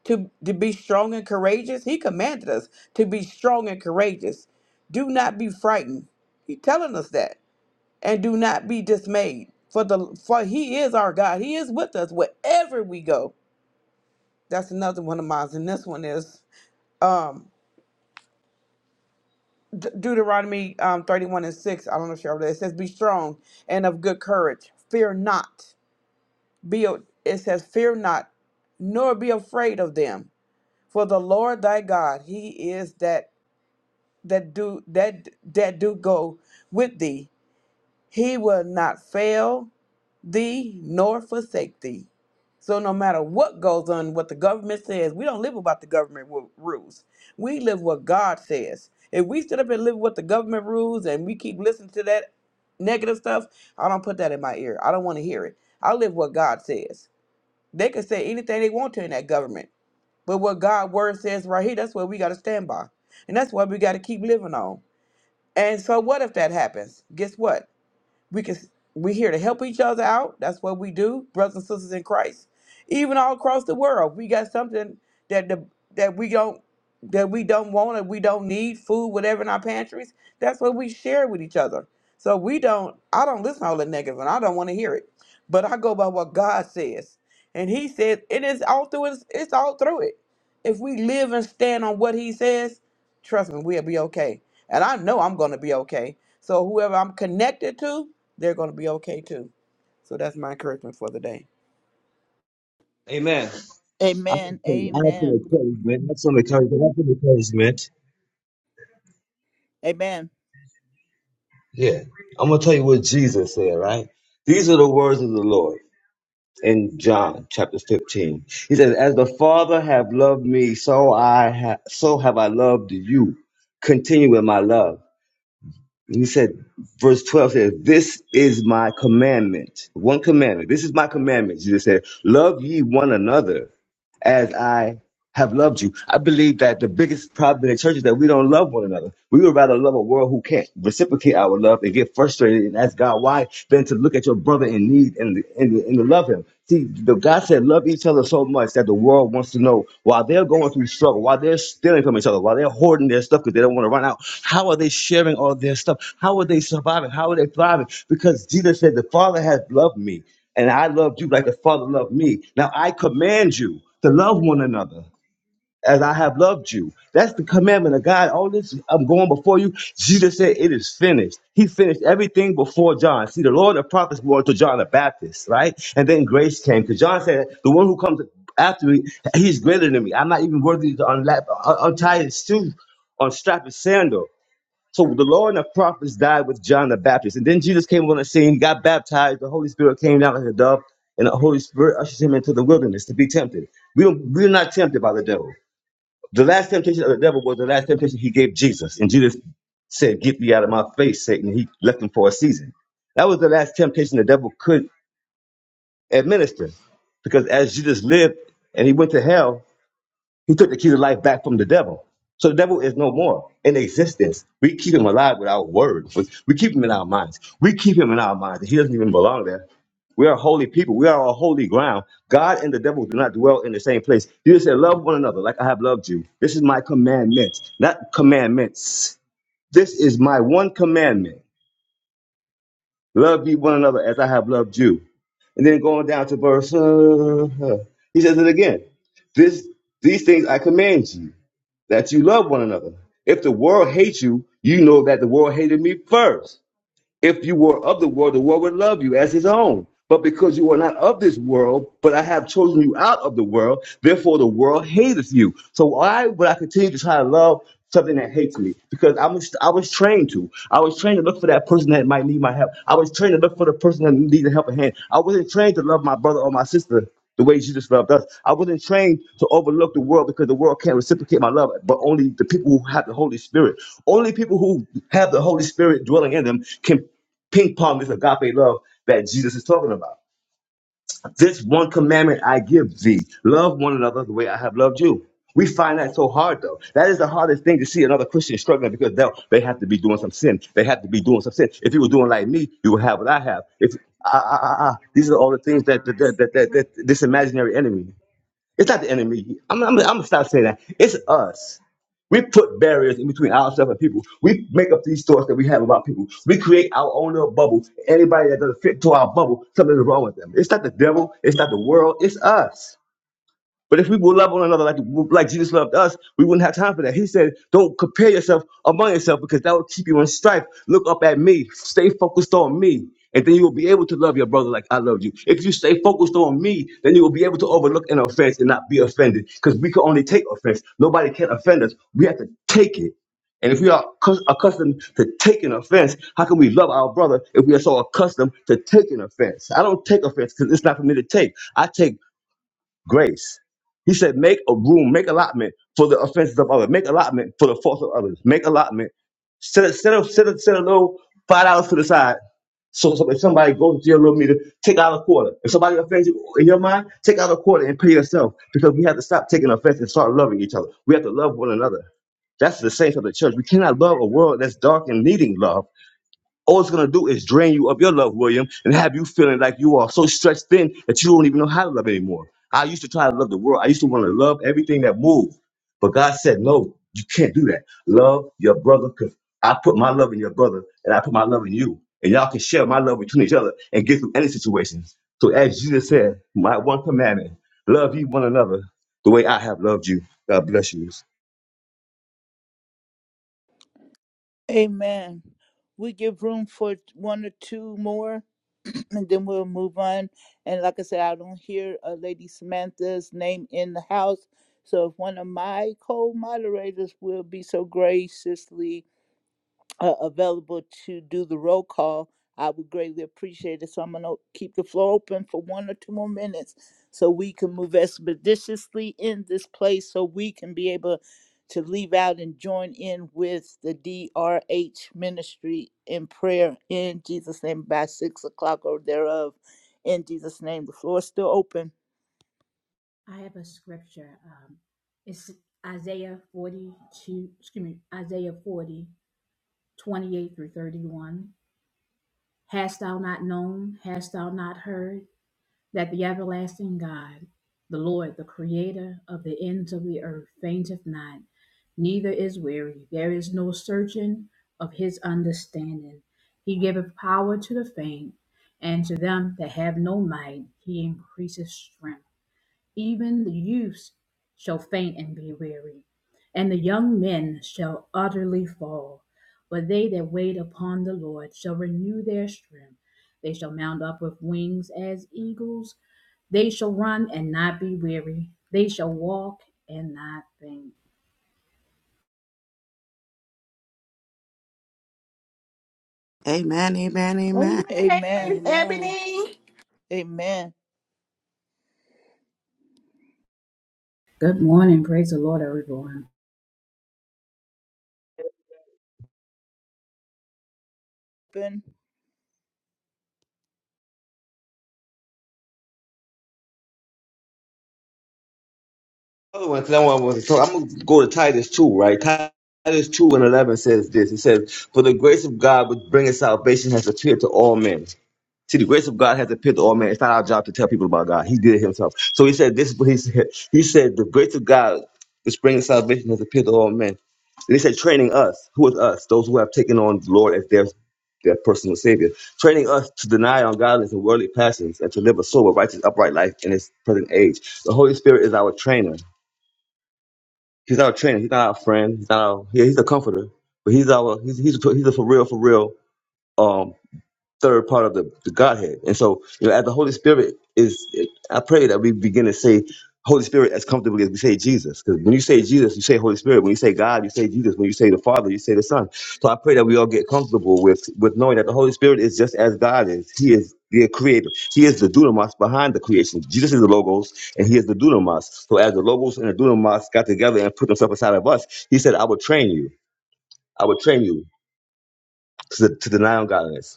S3: to, to be strong and courageous? He commanded us to be strong and courageous. Do not be frightened. He's telling us that. And do not be dismayed. For the for he is our God. He is with us wherever we go. That's another one of mine. And this one is um, De- Deuteronomy um, 31 and 6. I don't know if y'all read it. It says, Be strong and of good courage. Fear not. Be a- It says, Fear not, nor be afraid of them. For the Lord thy God, he is that that do that that do go with thee He will not fail thee nor forsake thee. So no matter what goes on, what the government says, we don't live about the government ru- rules. We live what God says. If we sit up and live what the government rules and we keep listening to that negative stuff, I don't put that in my ear. I don't want to hear it. I live what God says. They can say anything they want to in that government. But what God's word says right here, that's what we got to stand by. And that's what we got to keep living on. And so what if that happens? Guess what? We can we're here to help each other out. That's what we do, brothers and sisters in Christ. Even all across the world, we got something that the that we don't that we don't want and we don't need food, whatever in our pantries. That's what we share with each other. So we don't. I don't listen to all the negative, and I don't want to hear it. But I go by what God says, and He says, and it's all through. It's, it's all through it. If we live and stand on what He says, trust me, we'll be okay. And I know I'm going to be okay. So whoever I'm connected to, they're going to be okay too. So that's my encouragement for the day.
S2: Amen. I have
S1: Amen.
S2: some, I have some
S1: Amen.
S2: encouragement. I have some encouragement. I have some encouragement.
S1: Amen.
S2: Yeah. I'm going to tell you what Jesus said, right? These are the words of the Lord. in John chapter 15. He says, As the Father have loved me, so I ha- so have I loved you. Continue in my love. And he said, verse 12 says, This is my commandment. One commandment. This is my commandment. Jesus said, Love ye one another as I have loved you. I believe that the biggest problem in the church is that we don't love one another. We would rather love a world who can't reciprocate our love and get frustrated and ask God why than to look at your brother in need and, and, and to love him. See, the God said love each other so much that the world wants to know while they're going through struggle, while they're stealing from each other, while they're hoarding their stuff because they don't want to run out. How are they sharing all their stuff? How are they surviving? How are they thriving? Because Jesus said, The Father has loved me and I loved you like the Father loved me. Now I command you to love one another as I have loved you. That's the commandment of God. All this I'm going before you. Jesus said, It is finished. He finished everything before John. See, the Lord and the prophets were to John the Baptist, right? And then grace came because John said, The one who comes after me, he's greater than me. I'm not even worthy to unlap, un- untie his shoe, unstrap his sandal. So the Lord and the prophets died with John the Baptist. And then Jesus came on the scene, got baptized, the Holy Spirit came down like a dove, and the Holy Spirit ushers him into the wilderness to be tempted. We don't, we're not tempted by the devil. The last temptation of the devil was the last temptation he gave Jesus. And Jesus said, Get thee out of my face, Satan. And He left him for a season. That was the last temptation the devil could administer. Because as Jesus lived and he went to hell, he took the key to life back from the devil. So the devil is no more in existence. We keep him alive with our words. we keep him in our minds. We keep him in our minds. He doesn't even belong there we are holy people. We are on holy ground. God and the devil do not dwell in the same place. You said, Love one another like I have loved you. This is my commandment, not commandments. This is my one commandment. Love ye one another as I have loved you. And then going down to verse, uh, uh, he says it again. This, these things I command you, that you love one another. If the world hates you, you know that the world hated me first. If you were of the world, the world would love you as his own. But because you are not of this world, but I have chosen you out of the world, therefore the world hateth you. So why would I continue to try to love something that hates me? Because I was I was trained to. I was trained to look for that person that might need my help. I was trained to look for the person that needs a helping hand. I wasn't trained to love my brother or my sister the way Jesus loved us. I wasn't trained to overlook the world because the world can't reciprocate my love, but only the people who have the Holy Spirit. Only people who have the Holy Spirit dwelling in them can ping pong this agape love that Jesus is talking about. This one commandment I give thee love one another the way I have loved you. We find that so hard, though. That is the hardest thing to see another Christian struggling because they they have to be doing some sin. They have to be doing some sin. If you were doing like me, you would have what I have. If ah, ah, ah, ah. these are all the things that that, that, that, that, that this imaginary enemy. It's not the enemy. I'm, I'm, I'm gonna stop saying that. It's us. We put barriers in between ourselves and people. We make up these thoughts that we have about people. We create our own little bubble. Anybody that doesn't fit to our bubble, something is wrong with them. It's not the devil. It's not the world. It's us. But if we would love one another like, like Jesus loved us, we wouldn't have time for that. He said, Don't compare yourself among yourself because that will keep you in strife. Look up at me, stay focused on me, and then you will be able to love your brother like I love you. If you stay focused on me, then you will be able to overlook an offense and not be offended because we can only take offense. Nobody can offend us. We have to take it. And if we are accus- accustomed to taking offense, how can we love our brother if we are so accustomed to taking offense? I don't take offense because it's not for me to take. I take grace. He said, make a room, make allotment for the offenses of others, make allotment for the faults of others, make allotment. Set a, set a, set a, set a little five dollars to the side. So, so if somebody goes to your little meter, take out a quarter. If somebody offends you in your mind, take out a quarter and pay yourself because we have to stop taking offense and start loving each other. We have to love one another. That's the saints of the church. We cannot love a world that's dark and needing love all it's going to do is drain you of your love, William, and have you feeling like you are so stretched thin that you don't even know how to love anymore. I used to try to love the world. I used to want to love everything that moved. But God said, no, you can't do that. Love your brother because I put my love in your brother and I put my love in you. And y'all can share my love between each other and get through any situation. So as Jesus said, my one commandment, love you one another the way I have loved you. God bless you.
S1: Amen. We give room for one or two more and then we'll move on. And like I said, I don't hear uh, Lady Samantha's name in the house. So if one of my co moderators will be so graciously uh, available to do the roll call, I would greatly appreciate it. So I'm going to keep the floor open for one or two more minutes so we can move expeditiously in this place so we can be able to leave out and join in with the DRH ministry in prayer in Jesus' name by six o'clock or thereof. In Jesus' name, the floor is still open.
S6: I have a scripture. Um, it's Isaiah 42, excuse me, Isaiah 40 28 through 31. Hast thou not known, hast thou not heard, that the everlasting God, the Lord, the creator of the ends of the earth, fainteth not, neither is weary. There is no searching of his understanding. He giveth power to the faint, and to them that have no might, he increaseth strength. Even the youths shall faint and be weary, and the young men shall utterly fall. But they that wait upon the Lord shall renew their strength. They shall mount up with wings as eagles. They shall run and not be weary. They shall walk and not faint.
S5: Amen. Amen. Amen.
S1: Amen.
S3: Amen.
S4: Ebony.
S1: Amen.
S6: Good morning. Praise the Lord, everyone.
S1: Open.
S2: other one, 'cause I want to talk. I'm going to go to Titus 2, right? Titus 2 and 11 says this. It says, For the grace of God which bringeth salvation has appeared to all men. See, the grace of God has appeared to all men. It's not our job to tell people about God. He did it himself. So he said, This is what he said. He said, The grace of God which bringeth salvation has appeared to all men. And he said, Training us. Who is us? Those who have taken on the Lord as their their personal savior, training us to deny ungodliness and worldly passions and to live a sober, righteous, upright life in this present age. The Holy Spirit is our trainer. He's our trainer. He's not our friend. He's not our. Yeah, he's a comforter, but he's our. He's he's a, he's a for real for real. Um, third part of the, the Godhead. And so, you know, as the Holy Spirit is, I pray that we begin to say Holy Spirit as comfortably as we say Jesus. Because when you say Jesus, you say Holy Spirit. When you say God, you say Jesus. When you say the Father, you say the Son. So I pray that we all get comfortable with with knowing that the Holy Spirit is just as God is. He is the creator. He is the dunamis behind the creation. Jesus is the logos and he is the dunamis. So as the logos and the dunamis got together and put themselves inside of us, he said, I will train you. I will train you to, to deny ungodliness.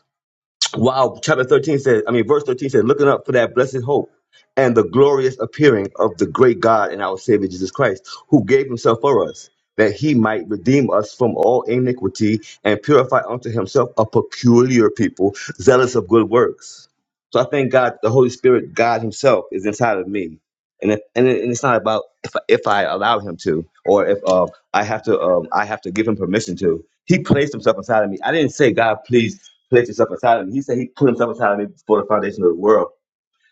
S2: Wow, chapter 13 says, I mean, verse 13 says, looking up for that blessed hope and the glorious appearing of the great God and our Savior Jesus Christ, who gave himself for us, that he might redeem us from all iniquity and purify unto himself a peculiar people, zealous of good works. So I thank God the Holy Spirit, God himself, is inside of me and it, and, it, and it's not about if I- if I allow him to or if um I have to um I have to give him permission to. He placed himself inside of me. I didn't say God, please place yourself inside of me. He said he put himself inside of me before the foundation of the world.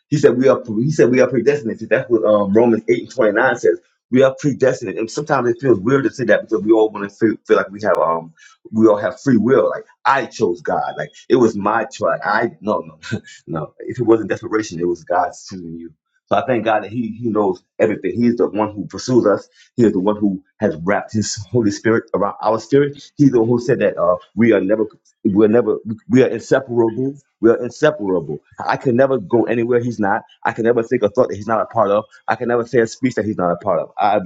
S2: He said we are pre- he said we are predestined. See, That's what um, Romans 8 and 29 says. We are predestined. And sometimes it feels weird to say that because we all want to feel, feel like we have um we all have free will. Like I chose God. Like it was my choice. I no no no. If it wasn't desperation, it was God choosing you. So I thank God that He He knows everything. He is the one who pursues us. He is the one who has wrapped His Holy Spirit around our spirit. He's the one who said that uh, we are never, we are never, we are inseparable. We are inseparable. I can never go anywhere he's not. I can never think a thought that he's not a part of. I can never say a speech that he's not a part of. I,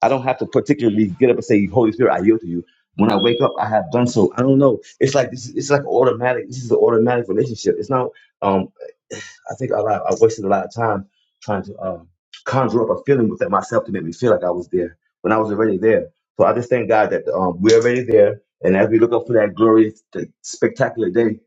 S2: I don't have to particularly get up and say, Holy Spirit, I yield to you. When I wake up, I have done so. I don't know. It's like this. Is, it's like automatic. This is an automatic relationship. It's not. Um, I think a lot. I wasted a lot of time trying to um, conjure up a feeling within myself to make me feel like I was there when I was already there. So I just thank God that um, we're already there. And as we look up for that glorious, that spectacular day,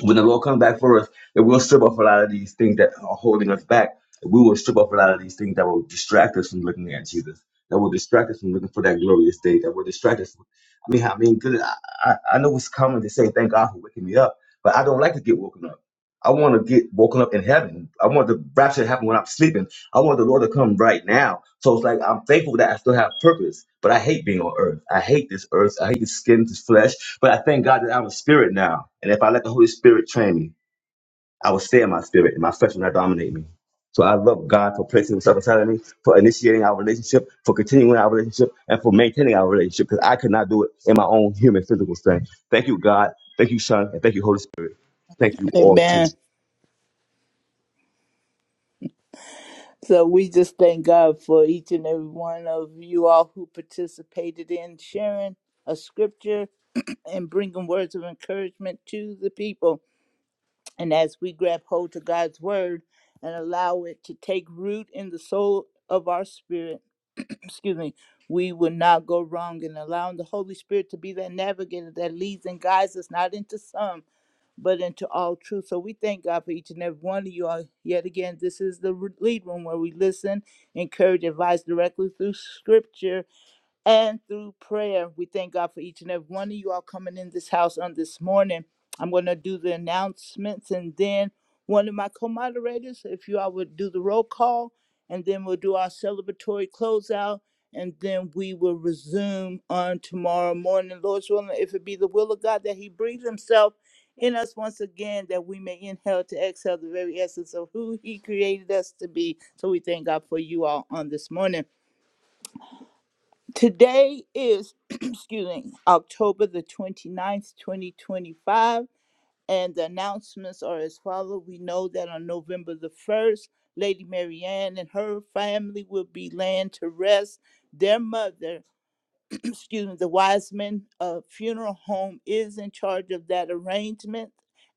S2: when the Lord comes back for us, it will strip off a lot of these things that are holding us back. We will strip off a lot of these things that will distract us from looking at Jesus, that will distract us from looking for that glorious day, that will distract us. From, I mean, I mean, good. I, I I know it's common to say thank God for waking me up, but I don't like to get woken up. I want to get woken up in heaven. I want the rapture to happen when I'm sleeping. I want the Lord to come right now. So it's like I'm thankful that I still have purpose, but I hate being on earth. I hate this earth. I hate this skin, this flesh. But I thank God that I'm a spirit now. And if I let the Holy Spirit train me, I will stay in my spirit and my flesh will not dominate me. So I love God for placing himself inside of me, for initiating our relationship, for continuing our relationship, and for maintaining our relationship, because I could not do it in my own human physical strength. Thank you, God. Thank you, Son, and thank you, Holy Spirit. Thank you all
S1: Amen.
S2: too.
S1: So we just thank God for each and every one of you all who participated in sharing a scripture and bringing words of encouragement to the people. And as we grab hold to God's word and allow it to take root in the soul of our spirit, excuse me, we will not go wrong in allowing the Holy Spirit to be that navigator that leads and guides us not into some but into all truth. So we thank God for each and every one of you all. Yet again, this is the lead room where we listen, encourage, advise directly through scripture and through prayer. We thank God for each and every one of you all coming in this house on this morning. I'm going to do the announcements and then one of my co moderators, if you all would do the roll call, and then we'll do our celebratory closeout, and then we will resume on tomorrow morning. Lord's willing, if it be the will of God that He breathes Himself in us once again, that we may inhale to exhale the very essence of who He created us to be. So we thank God for you all on this morning. Today is, excuse me, October the twenty-ninth, twenty ninth, 2025, and the announcements are as follows. We know that on November the 1st, Lady Marianne and her family will be laying to rest. Their mother, excuse me, the Wiseman uh, Funeral Home is in charge of that arrangement,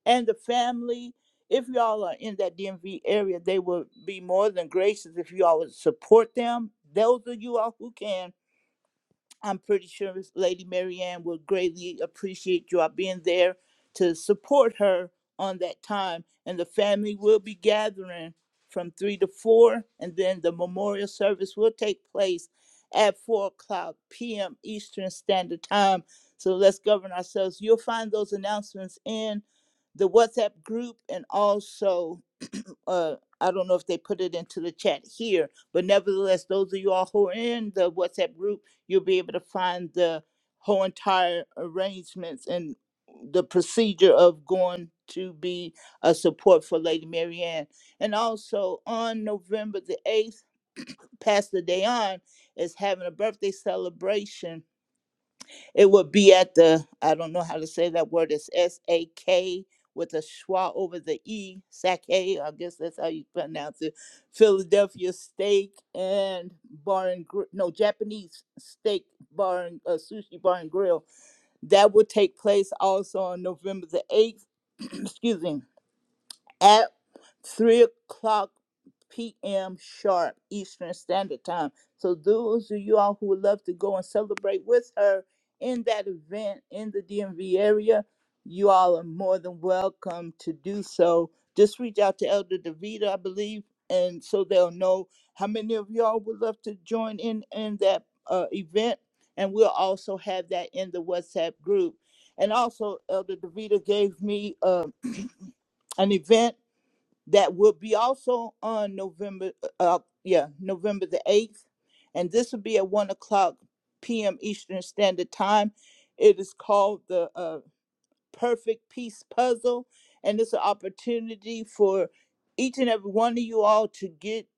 S1: and the family. If y'all are in that DMV area, they will be more than gracious if you all would support them. Those of you all who can, I'm pretty sure Lady Marianne will greatly appreciate you all being there to support her on that time. And the family will be gathering from three to four, and then the memorial service will take place at four o'clock p.m. Eastern Standard Time. So let's govern ourselves. You'll find those announcements in the WhatsApp group and also uh, I don't know if they put it into the chat here, but nevertheless, those of you all who are in the WhatsApp group, you'll be able to find the whole entire arrangements and the procedure of going to be a support for Lady Marianne. And also on November the 8th, Pastor Dayon is having a birthday celebration it would be at the, I don't know how to say that word, it's S A K with a schwa over the E, Sake, I guess that's how you pronounce it. Philadelphia Steak and Bar and Grill, no, Japanese Steak Bar and uh, Sushi Bar and Grill. That would take place also on November the 8th, excuse me at 3 o'clock p.m. sharp Eastern Standard Time. So those of you all who would love to go and celebrate with her in that event in the DMV area, you all are more than welcome to do so. Just reach out to Elder Davita, I believe, and so they'll know how many of y'all would love to join in in that uh, event. And we'll also have that in the WhatsApp group. And also, Elder Davita gave me uh, an event that will be also on November, uh, uh, yeah, November the 8th. And this will be at 1 o'clock p.m. Eastern Standard Time. It is called the uh, Perfect Peace Puzzle. And it's an opportunity for each and every one of you all to get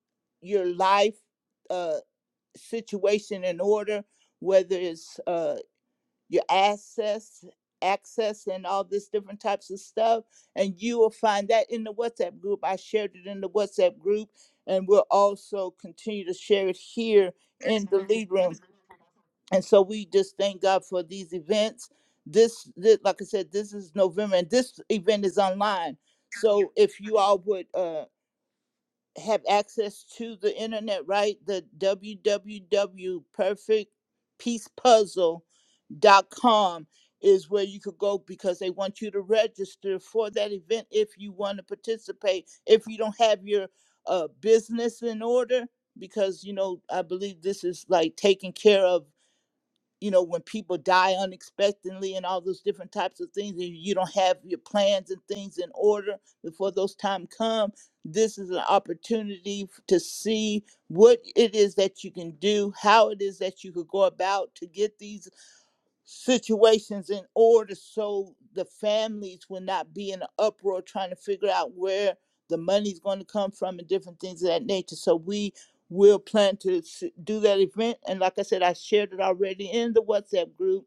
S1: your life uh, situation in order, whether it's uh your access access and all this different types of stuff and you will find that in the whatsapp group i shared it in the whatsapp group and we'll also continue to share it here in the lead room and so we just thank god for these events this, this like i said this is november and this event is online so if you all would uh have access to the internet right the www perfect peace puzzle dot com is where you could go because they want you to register for that event if you want to participate if you don't have your uh, business in order because you know i believe this is like taking care of you know when people die unexpectedly and all those different types of things and you don't have your plans and things in order before those time come this is an opportunity f- to see what it is that you can do how it is that you could go about to get these situations in order so the families will not be in an uproar trying to figure out where the money's going to come from and different things of that nature. So we will plan to s- do that event. And like I said, I shared it already in the WhatsApp group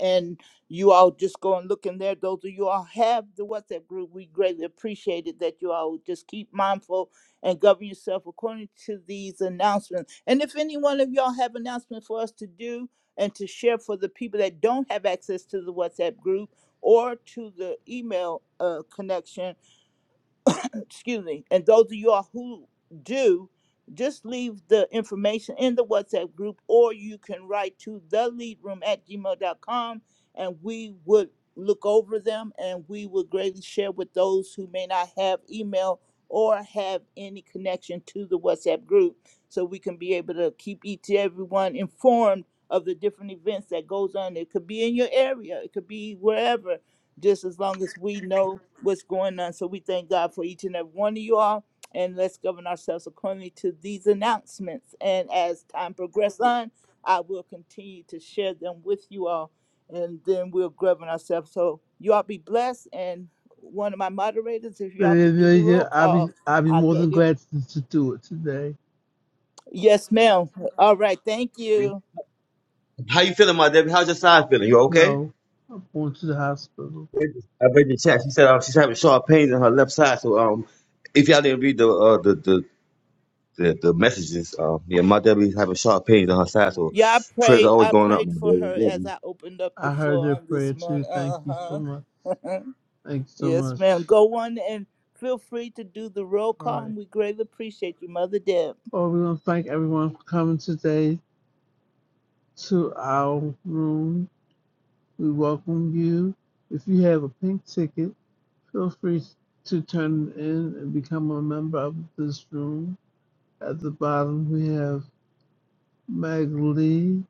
S1: and you all just go and look in there. Those of you all have the WhatsApp group, we greatly appreciate it that you all just keep mindful and govern yourself according to these announcements. And if any one of y'all have announcements for us to do and to share for the people that don't have access to the WhatsApp group or to the email uh, connection, excuse me, and those of you all who do, just leave the information in the WhatsApp group or you can write to the lead room at gmail.com and we would look over them and we would greatly share with those who may not have email or have any connection to the WhatsApp group so we can be able to keep each everyone informed of the different events that goes on. It could be in your area, it could be wherever just as long as we know what's going on. So we thank God for each and every one of you all. And let's govern ourselves accordingly to these announcements. And as time progresses on, I will continue to share them with you all. And then we'll govern ourselves. So you all be blessed. And one of my moderators, if y'all could do the roll
S7: I'll
S1: call,
S7: be, I'll be
S1: I
S7: more than
S1: greatly
S7: glad to, to do it today.
S1: Yes, ma'am. All right. Thank you.
S2: How you feeling, my Debbie? How's your side feeling? You okay?
S7: No, I'm going to the hospital.
S2: I read the chat. She said um, she's having sharp pains in her left side. So um, if y'all didn't read the uh, the, the the the messages, um, yeah, my Debbie's having sharp pains on her side. So
S1: Yeah, I
S2: prayers are
S1: prayed.
S2: always
S1: I
S2: going up,
S1: prayed
S2: my
S1: for
S2: baby.
S1: her
S2: Love
S1: as
S2: you.
S1: I opened up the
S7: I heard
S1: floor
S7: their
S1: on
S7: prayer
S1: this
S7: too.
S1: morning.
S7: Thank you so
S1: Uh
S7: much.
S1: huh.
S7: Thanks so
S1: Yes,
S7: much.
S1: ma'am. Go on and feel free to do the roll
S7: All
S1: call,
S7: right.
S1: and we greatly appreciate you, Mother Deb.
S7: Well, we want to thank everyone for coming today to our room. We welcome you. If you have a pink ticket, feel free to turn it in and become a member of this room. At the bottom, we have Meg Lee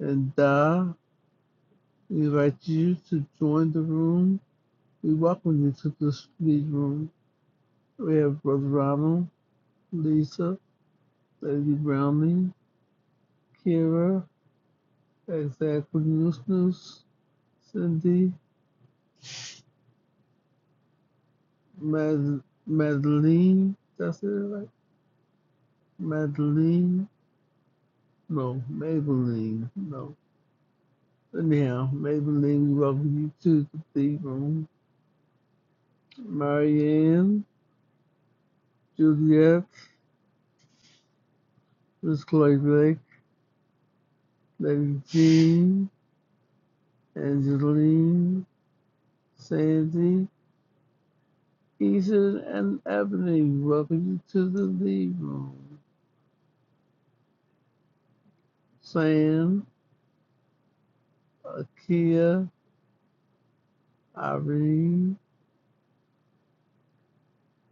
S7: and Da. We invite you to join the room. We welcome you to the speed room. We have Brother Ronald, Lisa, Lady Browning, Kira, Exactly News News, Cindy, Mad- Madeline. That's it, right? Madeline? No, Maybelline. No. Anyhow, Maybelline, we welcome you to the speed room. Marianne, Juliet, Miss Chloe Blake, Lady Jean, Angeline, Sandy, Ethan, and Ebony, welcome you to the lead room. Sam, Akia, Irene,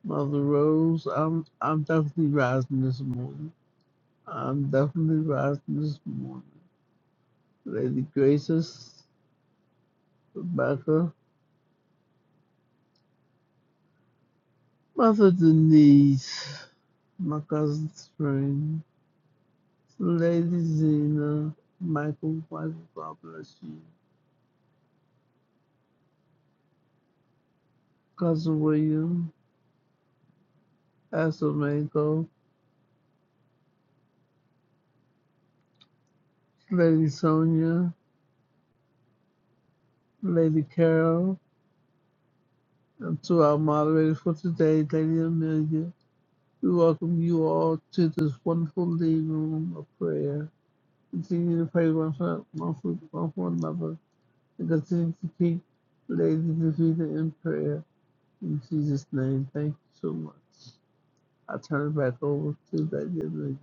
S7: Mother Rose, I'm I'm definitely rising this morning. I'm definitely rising this morning. Lady Graces, Rebecca, Mother Denise, my cousin Spring, Lady Zena, Michael, Michael, God bless you, Cousin William, Pastor Lady Sonia, Lady Carol, and to our moderator for today, Lady Amelia. We welcome you all to this wonderful living room of prayer. Continue to pray one for, one for, one for another and continue to keep Lady Davida in prayer. In Jesus' name, thank you so much. I turn it back over to Lady Amelia.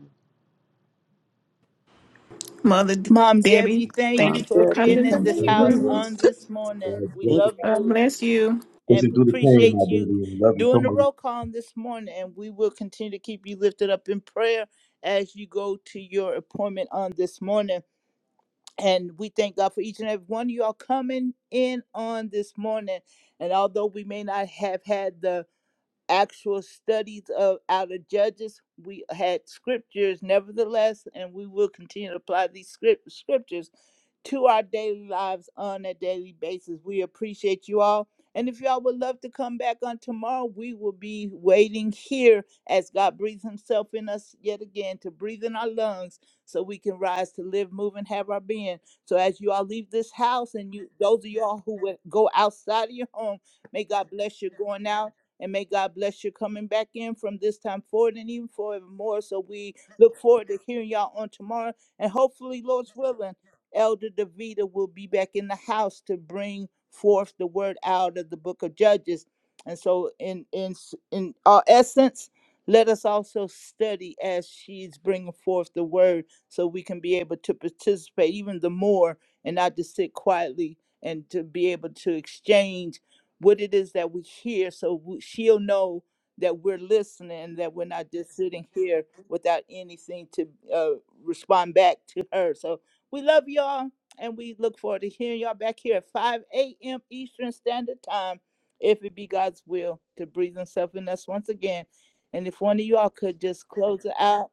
S4: Mother D-
S1: Mom
S4: Debbie,
S1: Debbie, thank
S3: Our
S4: thank
S1: you
S4: you
S1: for
S4: for
S3: therapy
S1: being
S4: coming
S1: in
S4: to
S3: comes
S1: this
S4: the
S3: through.
S1: house
S4: room.
S1: on this morning.
S2: God
S1: We
S2: bless
S5: Thank
S2: you.
S1: love
S5: you.
S4: God
S1: you
S4: bless you.
S1: and
S2: Listen through the pain, my
S1: appreciate you
S2: baby. and love you so
S1: doing the
S2: much.
S1: roll call on this morning, and we will continue to keep you lifted up in prayer as you go to your appointment on this morning. and we thank God for each and every one of y'all coming in on this morning. And although we may not have had the actual studies of out of judges we had scriptures nevertheless and we will continue to apply these script, scriptures to our daily lives on a daily basis we appreciate you all and if y'all would love to come back on tomorrow we will be waiting here as god breathes himself in us yet again to breathe in our lungs so we can rise to live move and have our being so as you all leave this house and you those of y'all who will go outside of your home may god bless you going out and may God bless you coming back in from this time forward and even forevermore. So we look forward to hearing y'all on tomorrow. And hopefully, Lord's willing, Elder Davida will be back in the house to bring forth the word out of the book of Judges. And so, in in in our essence, let us also study as she's bringing forth the word, so we can be able to participate even the more, and not just sit quietly and to be able to exchange what it is that we hear so we, she'll know that we're listening that we're not just sitting here without anything to uh, respond back to her so we love y'all and we look forward to hearing y'all back here at 5 a.m eastern standard time if it be god's will to breathe himself in us once again and if one of y'all could just close it out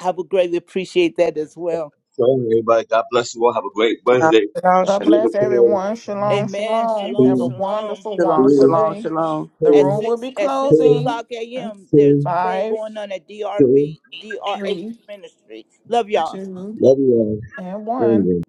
S1: i would greatly appreciate that as well
S2: So everybody, God bless you all. Have a great
S5: Shalom,
S2: Wednesday.
S5: shalom,
S4: God
S5: shalom.
S2: Be in the
S4: bless
S2: prayer.
S4: everyone. Shalom,
S1: amen
S4: shalom.
S1: shalom
S4: Have a
S2: One,
S1: shalom
S4: wonderful,
S3: Shalom,
S4: wonderful
S2: two,
S3: shalom,
S4: day.
S3: shalom.
S2: three,
S4: The
S1: At
S2: two,
S4: room will
S1: six
S4: be
S1: at six
S2: two,
S4: closing.
S1: o'clock
S4: in
S1: a.m. There's
S2: two,
S1: a prayer
S4: Five,
S1: going on at
S2: two.
S1: DRV DRH
S4: three,
S1: Ministry. Love y'all.
S4: two,
S2: Love you all.
S4: and one.
S2: Anyway.